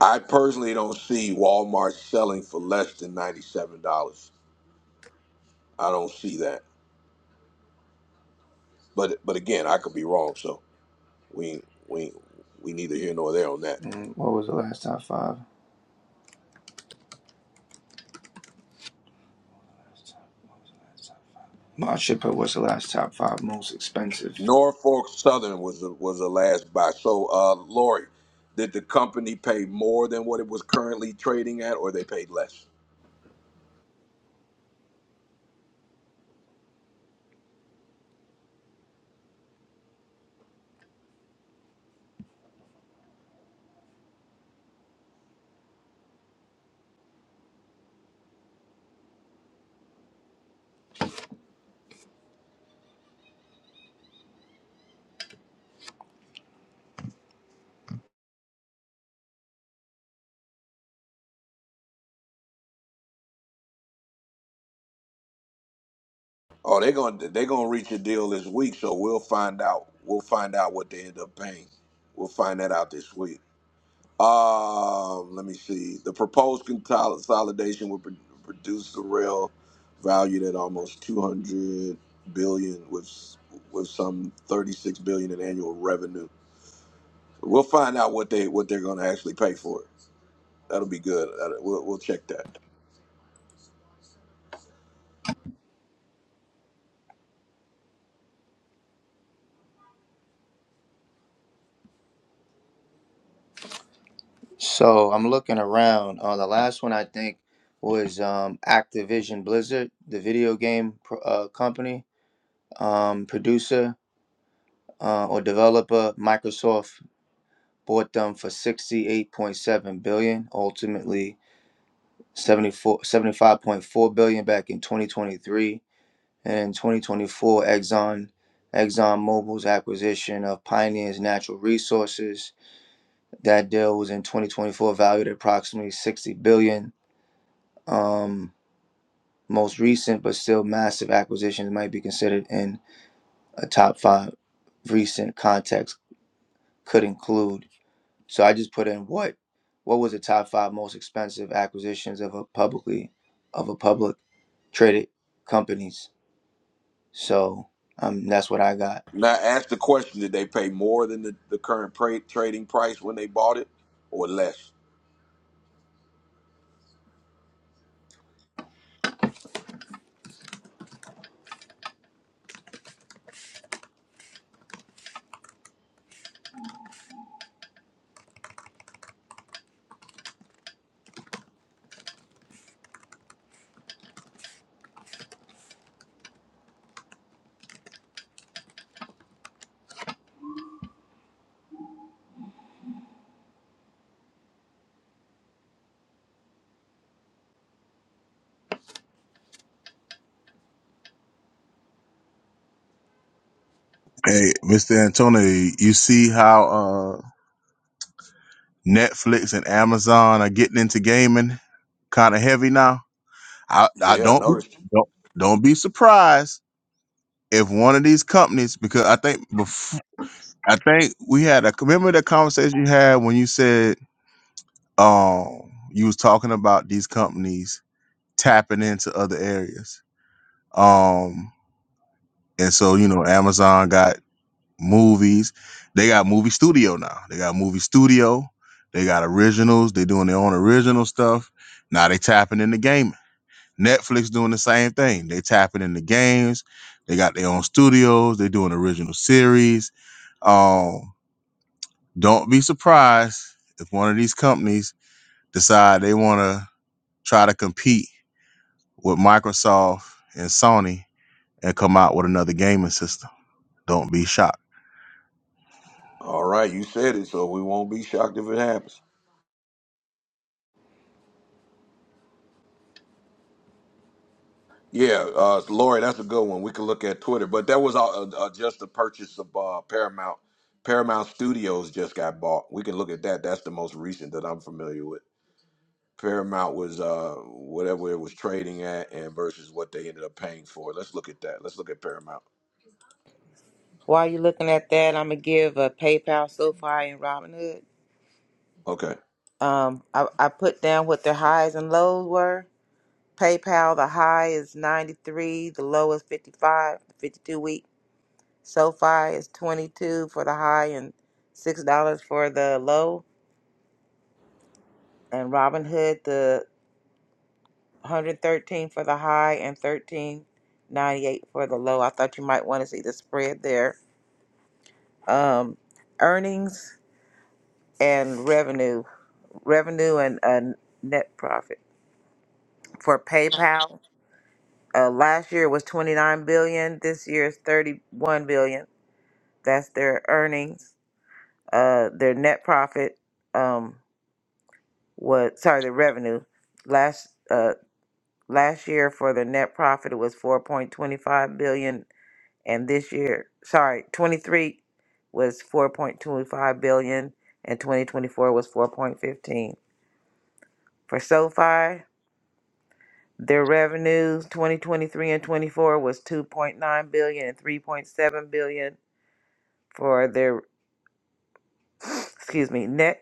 Speaker 1: I personally don't see Walmart selling for less than ninety seven dollars. I don't see that. But but again, I could be wrong. So we we we neither here nor there on that.
Speaker 14: Mm, What was the last top five? Well, I should put what's the last top five most expensive.
Speaker 1: Norfolk Southern was the, was the last buy. So uh, Lori, did the company pay more than what it was currently trading at, or they paid less? Oh, they're going to they're going to reach a deal this week, so we'll find out. We'll find out what they end up paying. We'll find that out this week. Um, let me see. The proposed consolidation would pro- produce the rail valued at almost 200 billion with with some 36 billion in annual revenue. We'll find out what they what they're going to actually pay for it. That'll be good. That'll- We'll, we'll check that.
Speaker 14: So I'm looking around. Uh, the last one I think was um, Activision Blizzard, the video game pr- uh, company um, producer uh, or developer. Microsoft bought them for 68.7 billion, ultimately 74, 75.4 billion back in 2023. And in 2024, Exxon ExxonMobil's acquisition of Pioneer's natural resources. That deal was in 2024, valued at approximately 60 billion. Um, most recent, but still massive acquisitions might be considered in a top five recent context. Could include So I just put in what what was the top five most expensive acquisitions of a publicly of a public traded companies. So um, that's what I got.
Speaker 1: Now ask the question: Did they pay more than the, the current pra- trading price when they bought it, or less?
Speaker 10: Hey, Mr. Antonio, you see how? uh, Netflix and Amazon are getting into gaming kind of heavy now. I, I
Speaker 1: Yeah, I
Speaker 10: don't
Speaker 1: noticed.
Speaker 10: don't don't be surprised if one of these companies because I think before, I think we had a remember that conversation you had when you said um you was talking about these companies tapping into other areas. Um and so you know Amazon got movies. They got movie studio now. They got movie studio. They got originals. They doing their own original stuff. Now they tapping into gaming. Netflix doing the same thing. They tapping into games. They got their own studios. They doing original series. Um, don't be surprised if one of these companies decide they want to try to compete with Microsoft and Sony and come out with another gaming system. Don't be shocked.
Speaker 1: All right, you said it, so we won't be shocked if it happens. Yeah, uh, Lori, that's a good one. We can look at Twitter, but that was uh, uh, uh, just the purchase of uh, Paramount. Paramount Studios just got bought. We can look at that. That's the most recent that I'm familiar with. Paramount was uh, whatever it was trading at, and versus what they ended up paying for. Let's look at that. Let's look at Paramount.
Speaker 5: While you're looking at that, I'm gonna give a PayPal, SoFi, and Robinhood.
Speaker 1: Okay.
Speaker 5: Um, I, I put down what their highs and lows were. PayPal, the high is 93, the low is 55, 52 week. SoFi is 22 for the high and six dollars for the low. And Robinhood, the 113 for the high and 13.98 for the low. I thought you might want to see the spread there. Um, earnings and revenue. revenue and uh, net profit for PayPal. Uh, last year was 29 billion. This year is 31 billion. That's their earnings. Uh, their net profit um, was sorry, the revenue last uh, last year for their net profit it was 4.25 billion, and this year sorry 23 was 4.25 billion, and 2024 was 4.15 for SoFi. Their revenues 2023 and 24 was two point nine billion and three point seven billion for their [sniffs] excuse me net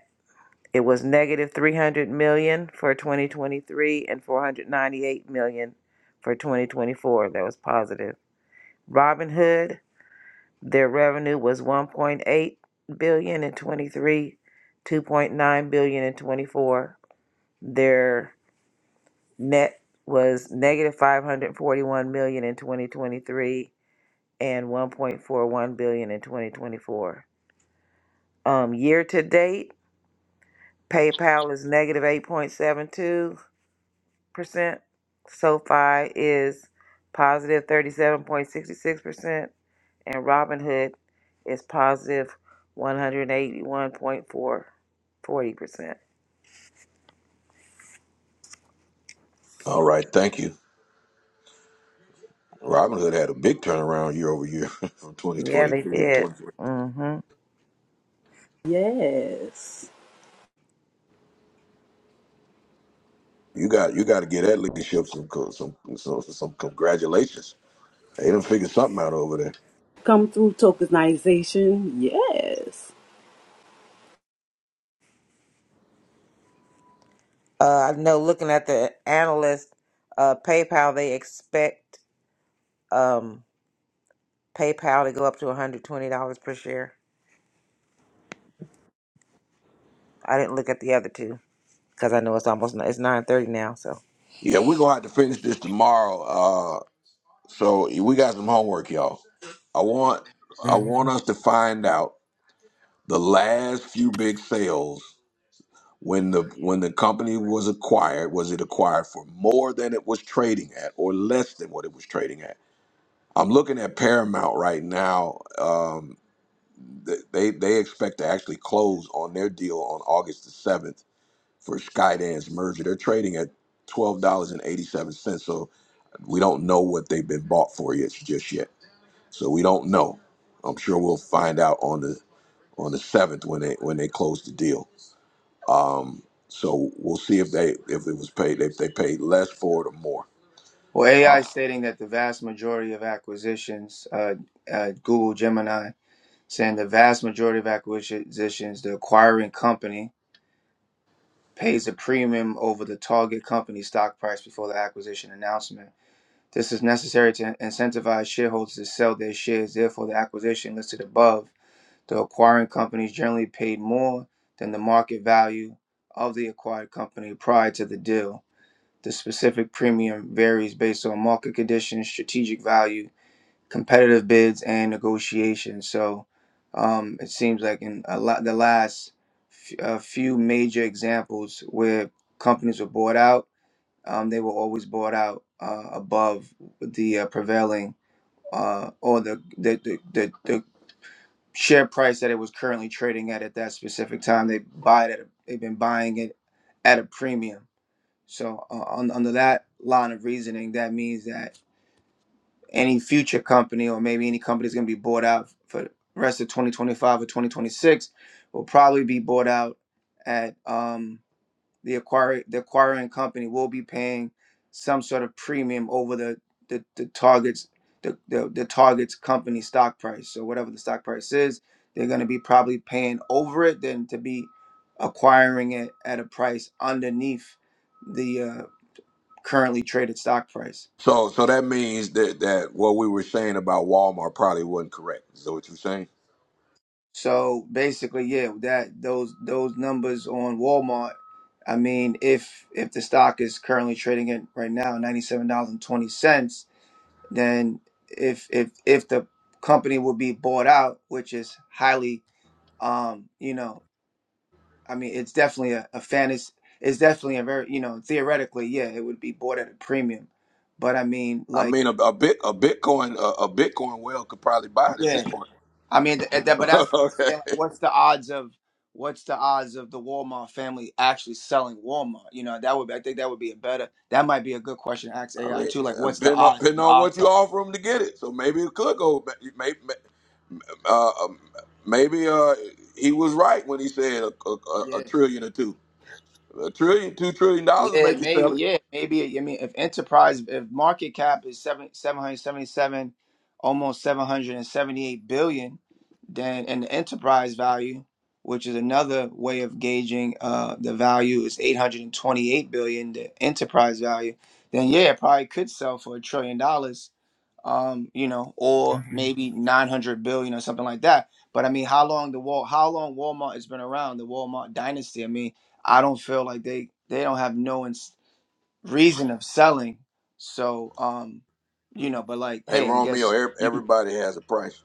Speaker 5: it was negative 300 million for 2023 and 498 million for 2024 that was positive. Robinhood their revenue was 1.8 billion in 23 2.9 billion in 24 their net was negative 541 million in 2023 and 1.41 billion in 2024. Um, year to date, PayPal is negative 8.72 percent. SoFi is positive 37.66 percent, and Robinhood is positive 181.440 percent.
Speaker 1: All right. Thank you. Robinhood had a big turnaround year over year [laughs] from
Speaker 5: Yeah,
Speaker 1: 2023
Speaker 5: they
Speaker 1: to
Speaker 5: did.
Speaker 1: 2024.
Speaker 5: Mm-hmm.
Speaker 3: yes.
Speaker 1: You got you got to get that leadership some co- some some, some congratulations. They done figured something out over there.
Speaker 3: Come through tokenization. Yes.
Speaker 5: Uh, I know. Looking at the analyst, uh, PayPal, they expect um, PayPal to go up to $120 per share. I didn't look at the other two because I know it's almost it's nine thirty now. So
Speaker 1: Yeah, we're gonna have to finish this tomorrow. Uh, so we got some homework, y'all. I want I
Speaker 5: hmm
Speaker 1: want us to find out the last few big sales when the when the company was acquired. Was it acquired for more than it was trading at, or less than what it was trading at? I'm looking at Paramount right now. um, th- they they expect to actually close on their deal on August the seventh for Skydance merger. They're trading at twelve dollars and eighty seven cents, so we don't know what they've been bought for yet just yet. So we don't know. I'm sure we'll find out on the on the seventh when they when they close the deal. Um, so we'll see if they if it was paid if they paid less for it or more.
Speaker 14: Well, AI
Speaker 1: Um,
Speaker 14: stating that the vast majority of acquisitions, uh, uh, Google Gemini, saying the vast majority of acquisitions, the acquiring company pays a premium over the target company stock price before the acquisition announcement. This is necessary to incentivize shareholders to sell their shares. Therefore, the acquisition listed above The acquiring company is generally paid more than the market value of the acquired company prior to the deal. The specific premium varies based on market conditions, strategic value, competitive bids, and negotiations. So um, it seems like in a lot, the last f- a few major examples where companies were bought out, um, they were always bought out uh, above the uh, prevailing uh, or the the, the, the the share price that it was currently trading at at that specific time. They buy it at a, they've been buying it at a premium. So uh, on, under that line of reasoning, that means that any future company or maybe any company is going to be bought out for the rest of 2025 or 2026 will probably be bought out at um, the acquirer the acquiring company will be paying some sort of premium over the the, the targets the, the the target's company stock price so whatever the stock price is they're going to be probably paying over it than to be acquiring it at a price underneath the uh, currently traded stock price
Speaker 1: so so that means that that what we were saying about Walmart probably wasn't correct. Is that what you're saying?
Speaker 14: so basically yeah that those those numbers on walmart i mean if if the stock is currently trading at right now $97.20 then if if if the company would be bought out, which is highly um, you know, I mean it's definitely a, a fantasy it's definitely a very you know, theoretically, yeah, it would be bought at a premium. But I mean
Speaker 1: I
Speaker 14: like
Speaker 1: mean, a, a bit a Bitcoin a, a Bitcoin well could probably buy it at
Speaker 14: yeah.
Speaker 1: this point.
Speaker 14: I mean th- that but
Speaker 1: [laughs]
Speaker 14: that's like
Speaker 1: okay,
Speaker 14: saying like, what's the odds of what's the odds of the Walmart family actually selling Walmart? You know, that would be, I think that would be a better that might be a good question to ask
Speaker 1: I
Speaker 14: AI
Speaker 1: mean,
Speaker 14: too. Like what's the
Speaker 1: depending on,
Speaker 14: odds?
Speaker 1: depending
Speaker 14: The
Speaker 1: on what
Speaker 14: odds
Speaker 1: you
Speaker 14: like
Speaker 1: offer him to get it, so maybe it could go. Maybe uh, um, maybe uh, he was right when he said a, a, a
Speaker 14: yeah.
Speaker 1: a trillion or two, a trillion, two trillion dollars to
Speaker 14: Yeah,
Speaker 1: make you
Speaker 14: maybe.
Speaker 1: sell it.
Speaker 14: Yeah, maybe. I mean, if enterprise, if market cap is seven seven hundred seventy seven, almost seven hundred and seventy eight billion, then and the enterprise value, which is another way of gauging uh, the value, is eight hundred and twenty eight billion. The enterprise value, then yeah, it probably could sell for a trillion dollars um, you know, or maybe 900 billion or something like that. But I mean, how long the Wal? how long Walmart has been around, the Walmart dynasty? I mean, I don't feel like they they don't have no ins- reason of selling. So, um, you know, but like,
Speaker 1: Hey,
Speaker 14: hey, I
Speaker 1: Romeo,
Speaker 14: guess.
Speaker 1: ev-
Speaker 14: you.
Speaker 1: everybody has a price,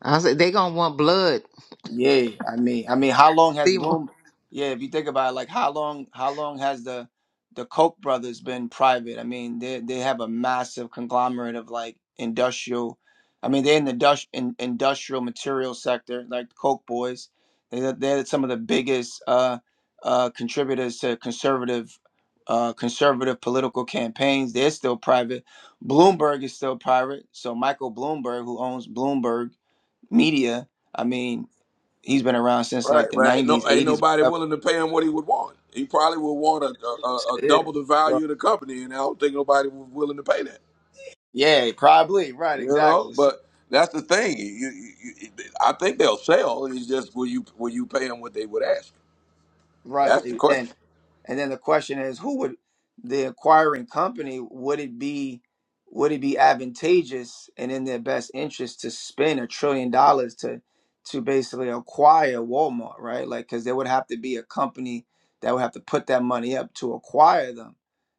Speaker 5: I said they gonna want blood.
Speaker 14: Yeah, I mean, I mean, how long has
Speaker 5: Seymour.
Speaker 14: Bloom? Yeah, if you think about it, like how long, how long has the the Koch brothers been private? I mean, they they have a massive conglomerate of like industrial. I mean, they're in the dus- in, industrial material sector, like the Koch boys. They're, they're some of the biggest uh, uh, contributors to conservative uh, conservative political campaigns. They're still private. Bloomberg is still private. So Michael Bloomberg, who owns Bloomberg Media. I mean, He's been around since
Speaker 1: right?
Speaker 14: like the
Speaker 1: Right? No,
Speaker 14: '90s,
Speaker 1: ain't
Speaker 14: '80s.
Speaker 1: nobody willing to pay him what he would want. He probably would want a, a, a a
Speaker 14: whatever.
Speaker 1: double the value of the company, and I don't think nobody was willing to pay that.
Speaker 14: Yeah, probably right,
Speaker 1: You know,
Speaker 14: exactly. So,
Speaker 1: but that's the thing. You, you, you, I think they'll sell. It's just will you will you pay them what they would ask?
Speaker 14: right,
Speaker 1: That's the
Speaker 14: Then
Speaker 1: question.
Speaker 14: And then the question is, who would the acquiring company would it be would it be advantageous and in their best interest to spend a trillion dollars to to basically acquire Walmart, right? Like cuz there would have to be a company that would have to put that money up to acquire them.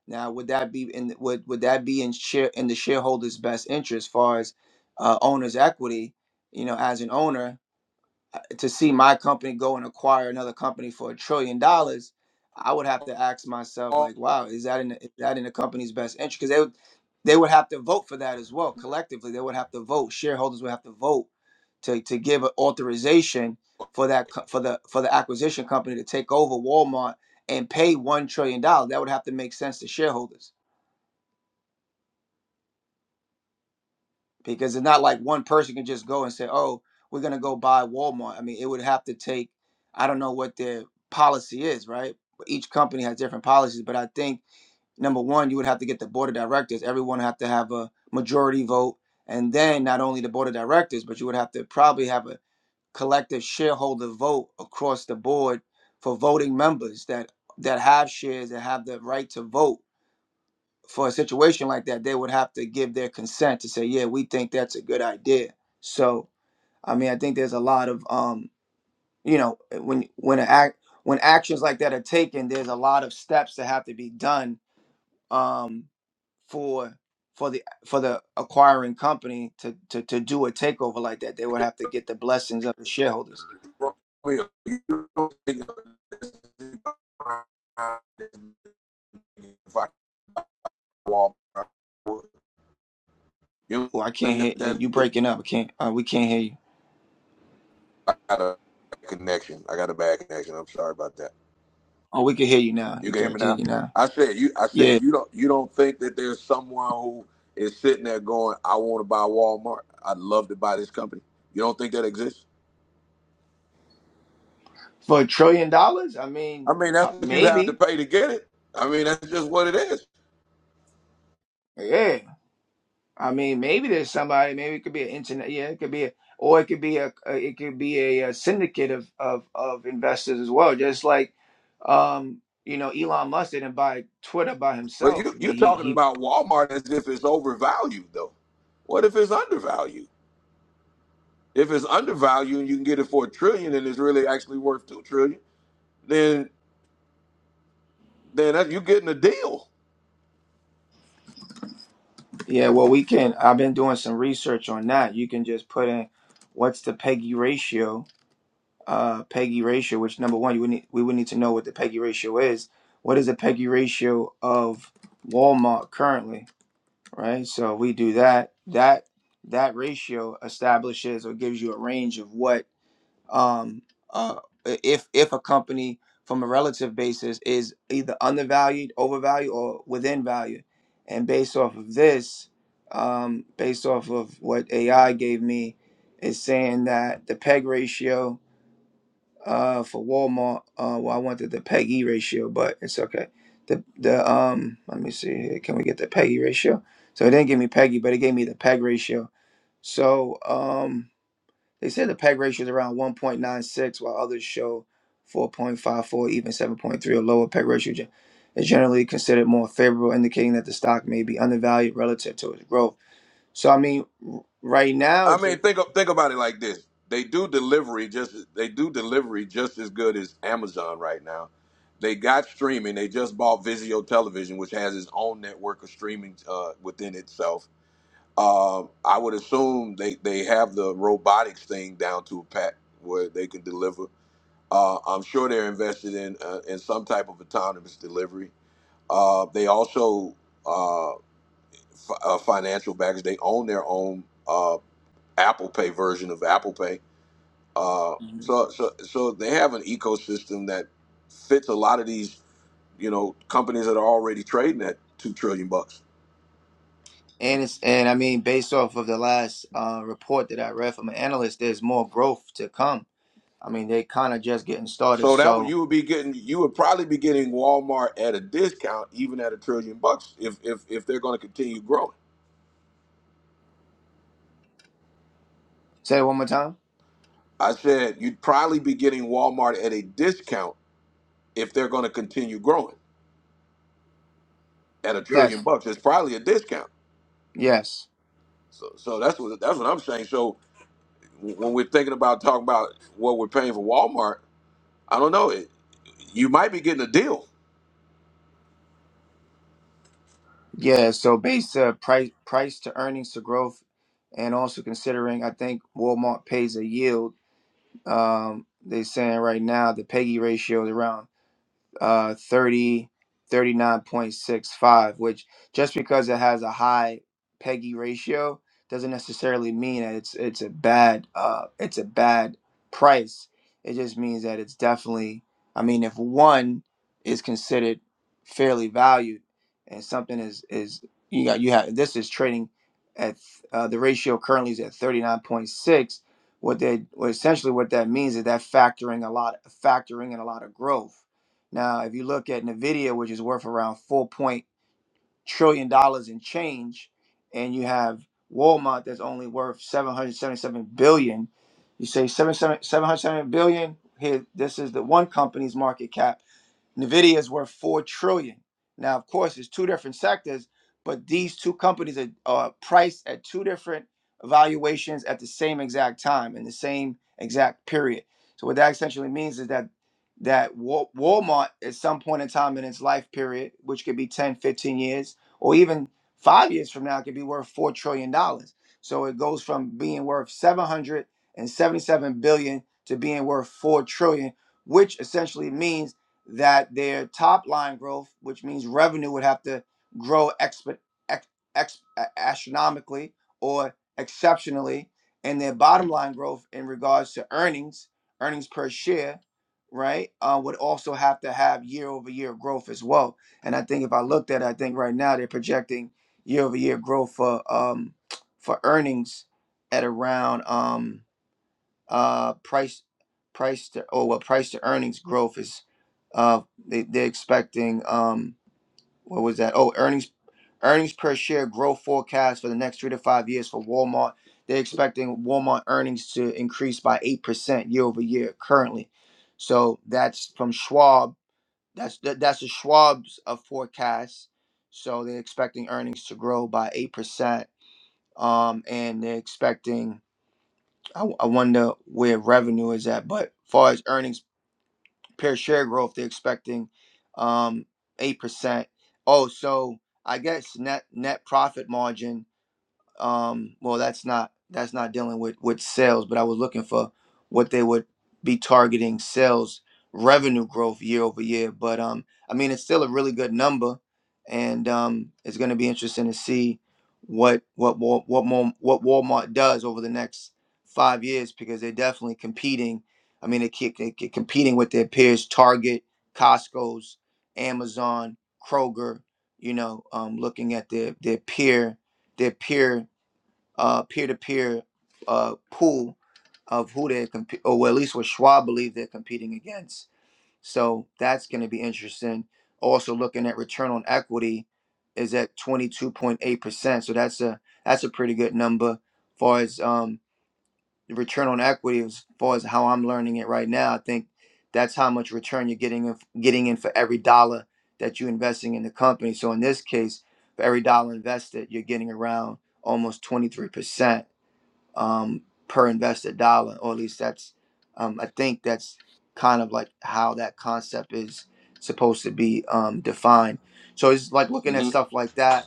Speaker 14: Now, would that be in would would that be in share in the shareholders' best interest as far as uh, owner's equity, you know, as an owner uh, to see my company go and acquire another company for a trillion
Speaker 1: [laughs]
Speaker 14: dollars, I would have to ask myself, like, wow, is that in the, is that in the company's best interest? Because they would they would have to vote for that as well collectively. They would have to vote. Shareholders would have to vote to to give an authorization for that co- for the for the acquisition company to take over Walmart and pay one trillion dollars. That would have to make sense to shareholders. because it's not like one person can just go and say, "Oh, we're gonna go buy Walmart." I mean, it would have to take. I don't know what their policy is, right? But Each company has different policies, but I think number one, you would have to get the board of directors. Everyone have to have a majority vote, and then not only the board of directors, but you would have to probably have a collective shareholder vote across the board for voting members that that have shares that have the right to vote for a situation like that, they would have to give their consent to say, yeah, we think that's a good idea. So, I mean, I think there's a lot of, um, you know, eh, when when an act when actions like that are taken, there's a lot of steps that have to be done um, for for the for the acquiring company to, to to do a takeover like that. They would have to get the blessings of the shareholders.
Speaker 1: If I walk, you
Speaker 14: Well, I can't
Speaker 1: think
Speaker 14: hear eh, you
Speaker 1: that
Speaker 14: breaking up. I can't. Uh, we can't hear you.
Speaker 1: I got a connection? I got a bad connection. I'm sorry about that.
Speaker 14: Oh, we can hear you now.
Speaker 1: You
Speaker 14: You
Speaker 1: can
Speaker 14: can
Speaker 1: hear
Speaker 14: I
Speaker 1: me
Speaker 14: can hear
Speaker 1: now.
Speaker 14: you now.
Speaker 1: I said you. I said
Speaker 14: Yeah,
Speaker 1: you don't. You don't think that there's someone who is sitting there going, "I want to buy Walmart. I'd love to buy this company." You don't think that exists?
Speaker 14: for a trillion dollars, I
Speaker 1: I
Speaker 14: mean,
Speaker 1: mean, that's
Speaker 14: po-
Speaker 1: what you'd have
Speaker 14: maybe.
Speaker 1: to pay to get it. I mean, that's just what it is.
Speaker 14: Yeah, I mean, maybe there's somebody. Maybe it could be an internet. Yeah, it could be, a, or it could be a, a it could be a, uh syndicate of, of of investors as well. Just like, um, you know, Elon Musk didn't buy Twitter by
Speaker 1: But
Speaker 14: himself.
Speaker 1: you
Speaker 14: I mean,
Speaker 1: you're
Speaker 14: he
Speaker 1: talking
Speaker 14: he.
Speaker 1: about Walmart as if it's overvalued, though. What if it's undervalued? If it's undervalued and you can get it for a trillion, and it's really actually worth two trillion, then then that, you're getting a deal.
Speaker 14: Yeah, well, we can. I've been doing some research on that. You can just put in what's the Peggy ratio, uh, Peggy ratio. Which number one, you would need, we would need to know what the Peggy ratio is. What is the Peggy ratio of Walmart currently? right? So we do that. That that ratio establishes or gives you a range of what um uh if if a company from a relative basis is either undervalued, overvalued, or within value. And based off of this, um, based off of what AI gave me, is saying that the PEG ratio uh, for Walmart. Uh, well, I wanted the PEGI ratio, but it's okay. The the um, let me see here. Can we get the PEGI ratio? So it didn't give me PEGI, but it gave me the PEG ratio. So um, they said the PEG ratio is around 1.96, while others show 4.54, even 7.3 or lower. PEG ratio gen- is generally considered more favorable, indicating that the stock may be undervalued relative to its growth. So I mean, right now
Speaker 1: I
Speaker 14: it's
Speaker 1: mean, think think about it like this: they do delivery just they do delivery just as good as Amazon right now. They got streaming. They just bought Vizio Television, which has its own network of streaming uh, within itself. Um, I would assume they, they have the robotics thing down to a pat where they can deliver. Uh, I'm sure they're invested in uh, in some type of autonomous delivery. Uh, they also uh, f- uh, financial backers. They own their own uh, Apple Pay version of Apple Pay uh,
Speaker 14: a,
Speaker 1: so, so, so they have an ecosystem that fits a lot of these, you know, companies that are already trading at two trillion bucks.
Speaker 14: And it's and I mean, based off of the last uh, report that I read from an analyst, there's more growth to come. I mean, they kind of just getting started.
Speaker 1: So that would
Speaker 14: So
Speaker 1: you would be getting, you would probably be getting Walmart at a discount, even at a trillion bucks, if if if they're going to continue growing.
Speaker 14: say it one more time.
Speaker 1: I said you'd probably be getting Walmart at a discount if they're going to continue growing at a trillion
Speaker 14: Yes,
Speaker 1: bucks. It's probably a discount.
Speaker 14: yes,
Speaker 1: So, so that's what that's what I'm saying. So when we're thinking about talking about what we're paying for Walmart I don't know. It, you might be getting a deal.
Speaker 14: yeah. So based uh, price price to earnings to growth, and also considering I think Walmart pays a yield. Um, they're saying right now the PEGI ratio is around. uh thirty, thirty nine point six five. which just because it has a high peggy ratio doesn't necessarily mean that it's it's a bad uh it's a bad price it just means that it's definitely i mean if one is considered fairly valued and something is is you got you have this is trading at uh, the ratio currently is at 39.6 what they what essentially what that means is that factoring a lot factoring in a lot of growth now, if you look at Nvidia, which is worth around four point trillion dollars in change, and you have Walmart that's only worth seven hundred seventy-seven billion, you say seven seven seven hundred seventy-seven billion. Here, this is the one company's market cap Nvidia is worth four trillion. dollars. Now, of course, it's two different sectors, but these two companies are, are priced at two different valuations at the same exact time in the same exact period. So what that essentially means is that that Wa- Walmart at some point in time in its life period, which could be 10, 15 years, or even five years from now, could be worth four trillion dollars. So it goes from being worth 777 billion to being worth four trillion, which essentially means that their top line growth, which means revenue, would have to grow expo- ex- ex- astronomically or exceptionally, and their bottom line growth in regards to earnings, earnings per share, right, uh, would also have to have year over year growth as well. And I think if I looked at, it, I think right now they're projecting year over year growth for um, for earnings at around um, uh, price price to oh well price to earnings growth is uh, they, they're expecting um, what was that oh earnings earnings per share growth forecast for the next three to five years for Walmart they're expecting Walmart earnings to increase by eight percent year over year currently so that's from Schwab that's that, that's the Schwab's uh, forecast so they're expecting earnings to grow by eight percent um, and they're expecting I, I wonder where revenue is at. But far as earnings per share growth, they're expecting um eight percent. Oh, so I guess net net profit margin um well that's not that's not dealing with with sales but i was looking for what they would be targeting sales revenue growth year over year but um i mean it's still a really good number and um it's going to be interesting to see what what Wal- what more what walmart does over the next five years because they're definitely competing i mean they keep they keep competing with their peers target costco's amazon kroger you know um looking at their their peer their peer uh, peer-to-peer uh, pool of who they're comp- or well, at least what Schwab believe they're competing against. So that's going to be interesting. Also, looking at return on equity is at 22.8 percent. So that's a that's a pretty good number. far as um, the return on equity, as far as how I'm learning it right now, I think that's how much return you're getting in, getting in for every dollar that you're investing in the company. So in this case, for every dollar invested, you're getting around almost 23% um, per invested dollar, or at least that's um, I think that's kind of like how that concept is supposed to be um, defined. So it's like looking at
Speaker 1: hmm
Speaker 14: stuff like that,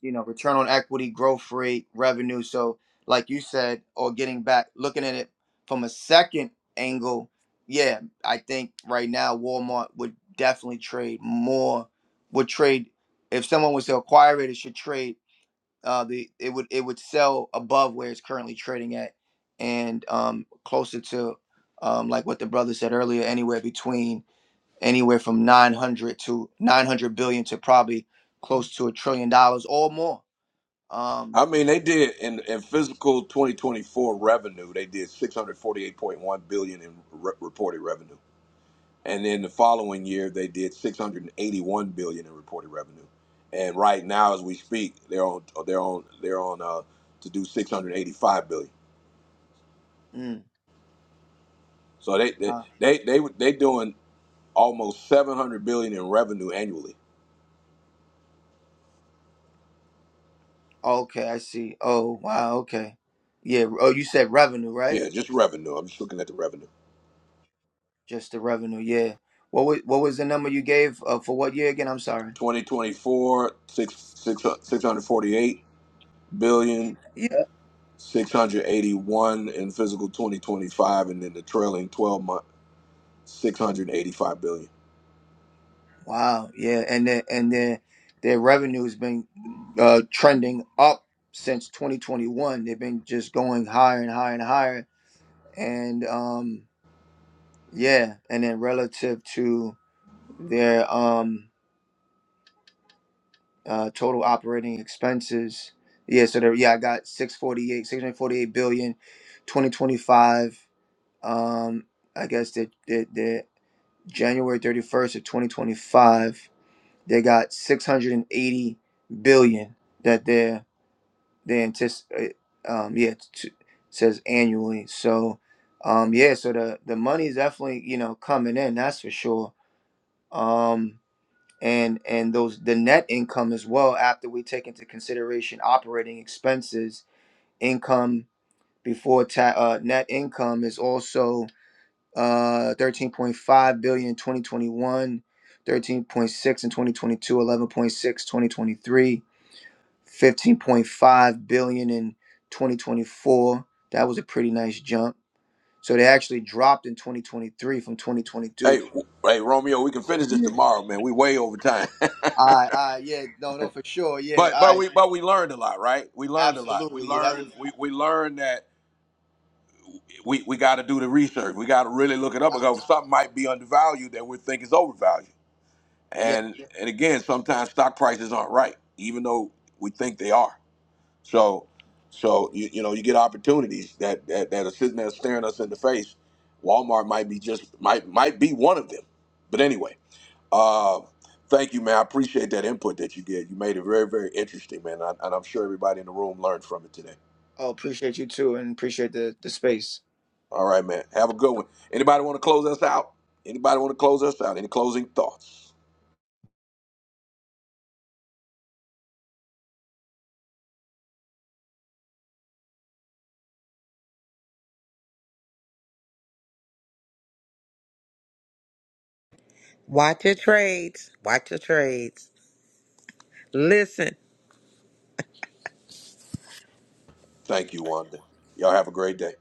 Speaker 14: you know, return on equity, growth rate, revenue. So like you said, or getting back, looking at it from a second angle, yeah, I think right now Walmart would definitely trade more, would trade if someone was to acquire it, it should trade uh the it would it would sell above where it's currently trading at and um closer to um like what the brother said earlier anywhere between anywhere from 900 to 900 billion to probably close to a trillion dollars or more um
Speaker 1: I mean, they did in, in physical 2024 revenue, they did 648.1 billion in re- reported revenue, and then the following year they did 681 billion in reported revenue. And right now, as we speak, they're on they're on they're on uh, to do 685 billion.
Speaker 14: mm,
Speaker 1: So they they
Speaker 14: uh,
Speaker 1: they they they doing almost 700 billion in revenue annually.
Speaker 14: okay i see oh wow okay yeah oh you said revenue right
Speaker 1: Yeah, just revenue. I'm just looking at the revenue.
Speaker 14: just the revenue yeah what was what was the number you gave uh, for what year again i'm sorry
Speaker 1: 2024 six, hundred forty-eight billion dollars,
Speaker 14: Yeah.
Speaker 1: six, 681 in physical 2025 and then the trailing 12 month 685 billion dollars.
Speaker 14: Wow. Yeah. And then and then their revenue has been uh, trending up since 2021. They've been just going higher and higher and higher. And um, yeah. And then relative to their um, uh, total operating expenses. Yeah. So there, yeah, I got 648, forty eight billion, twenty twenty five. Um, I guess that that that January 31st of 2025. They got 680 billion that they're they anticipate. Um, yeah, t- says annually. So, um, yeah, so the the money is definitely you know coming in. That's for sure. Um, and and those the net income as well after we take into consideration operating expenses, income before ta- uh, net income is also uh 13.5 billion in 2021 in 2022 15.5 billion in 2024. That was a pretty nice jump. So they actually dropped in 2023 from
Speaker 1: hey
Speaker 14: 2022.
Speaker 1: hey romeo we can finish this tomorrow man we way over time [laughs]
Speaker 14: I, I, yeah, no, no, for sure, yeah,
Speaker 1: but but
Speaker 14: I,
Speaker 1: we but we learned a lot right we learned a lot we
Speaker 14: absolutely, yeah, that
Speaker 1: learned
Speaker 14: was,
Speaker 1: we, we learned that we, we got to do the research we got to really look it up because something might be undervalued that we think is overvalued
Speaker 14: yeah.
Speaker 1: and and again sometimes stock prices aren't right even though we think they are So, so you, you know, you get opportunities that, that that are sitting there staring us in the face. Walmart might be just might might be one of them. But anyway, uh, thank you, man. I appreciate that input that you did. You made it very very interesting, man, and, I, and I'm sure everybody in the room learned from it today.
Speaker 14: Oh, appreciate you too, and appreciate the the space.
Speaker 1: All right, man. Have a good one. Anybody want to close us out? Anybody want to close us out? Any closing thoughts?
Speaker 5: [laughs] watch your trades. Watch your trades. Listen.
Speaker 1: Thank you, Wanda. Y'all have a great day.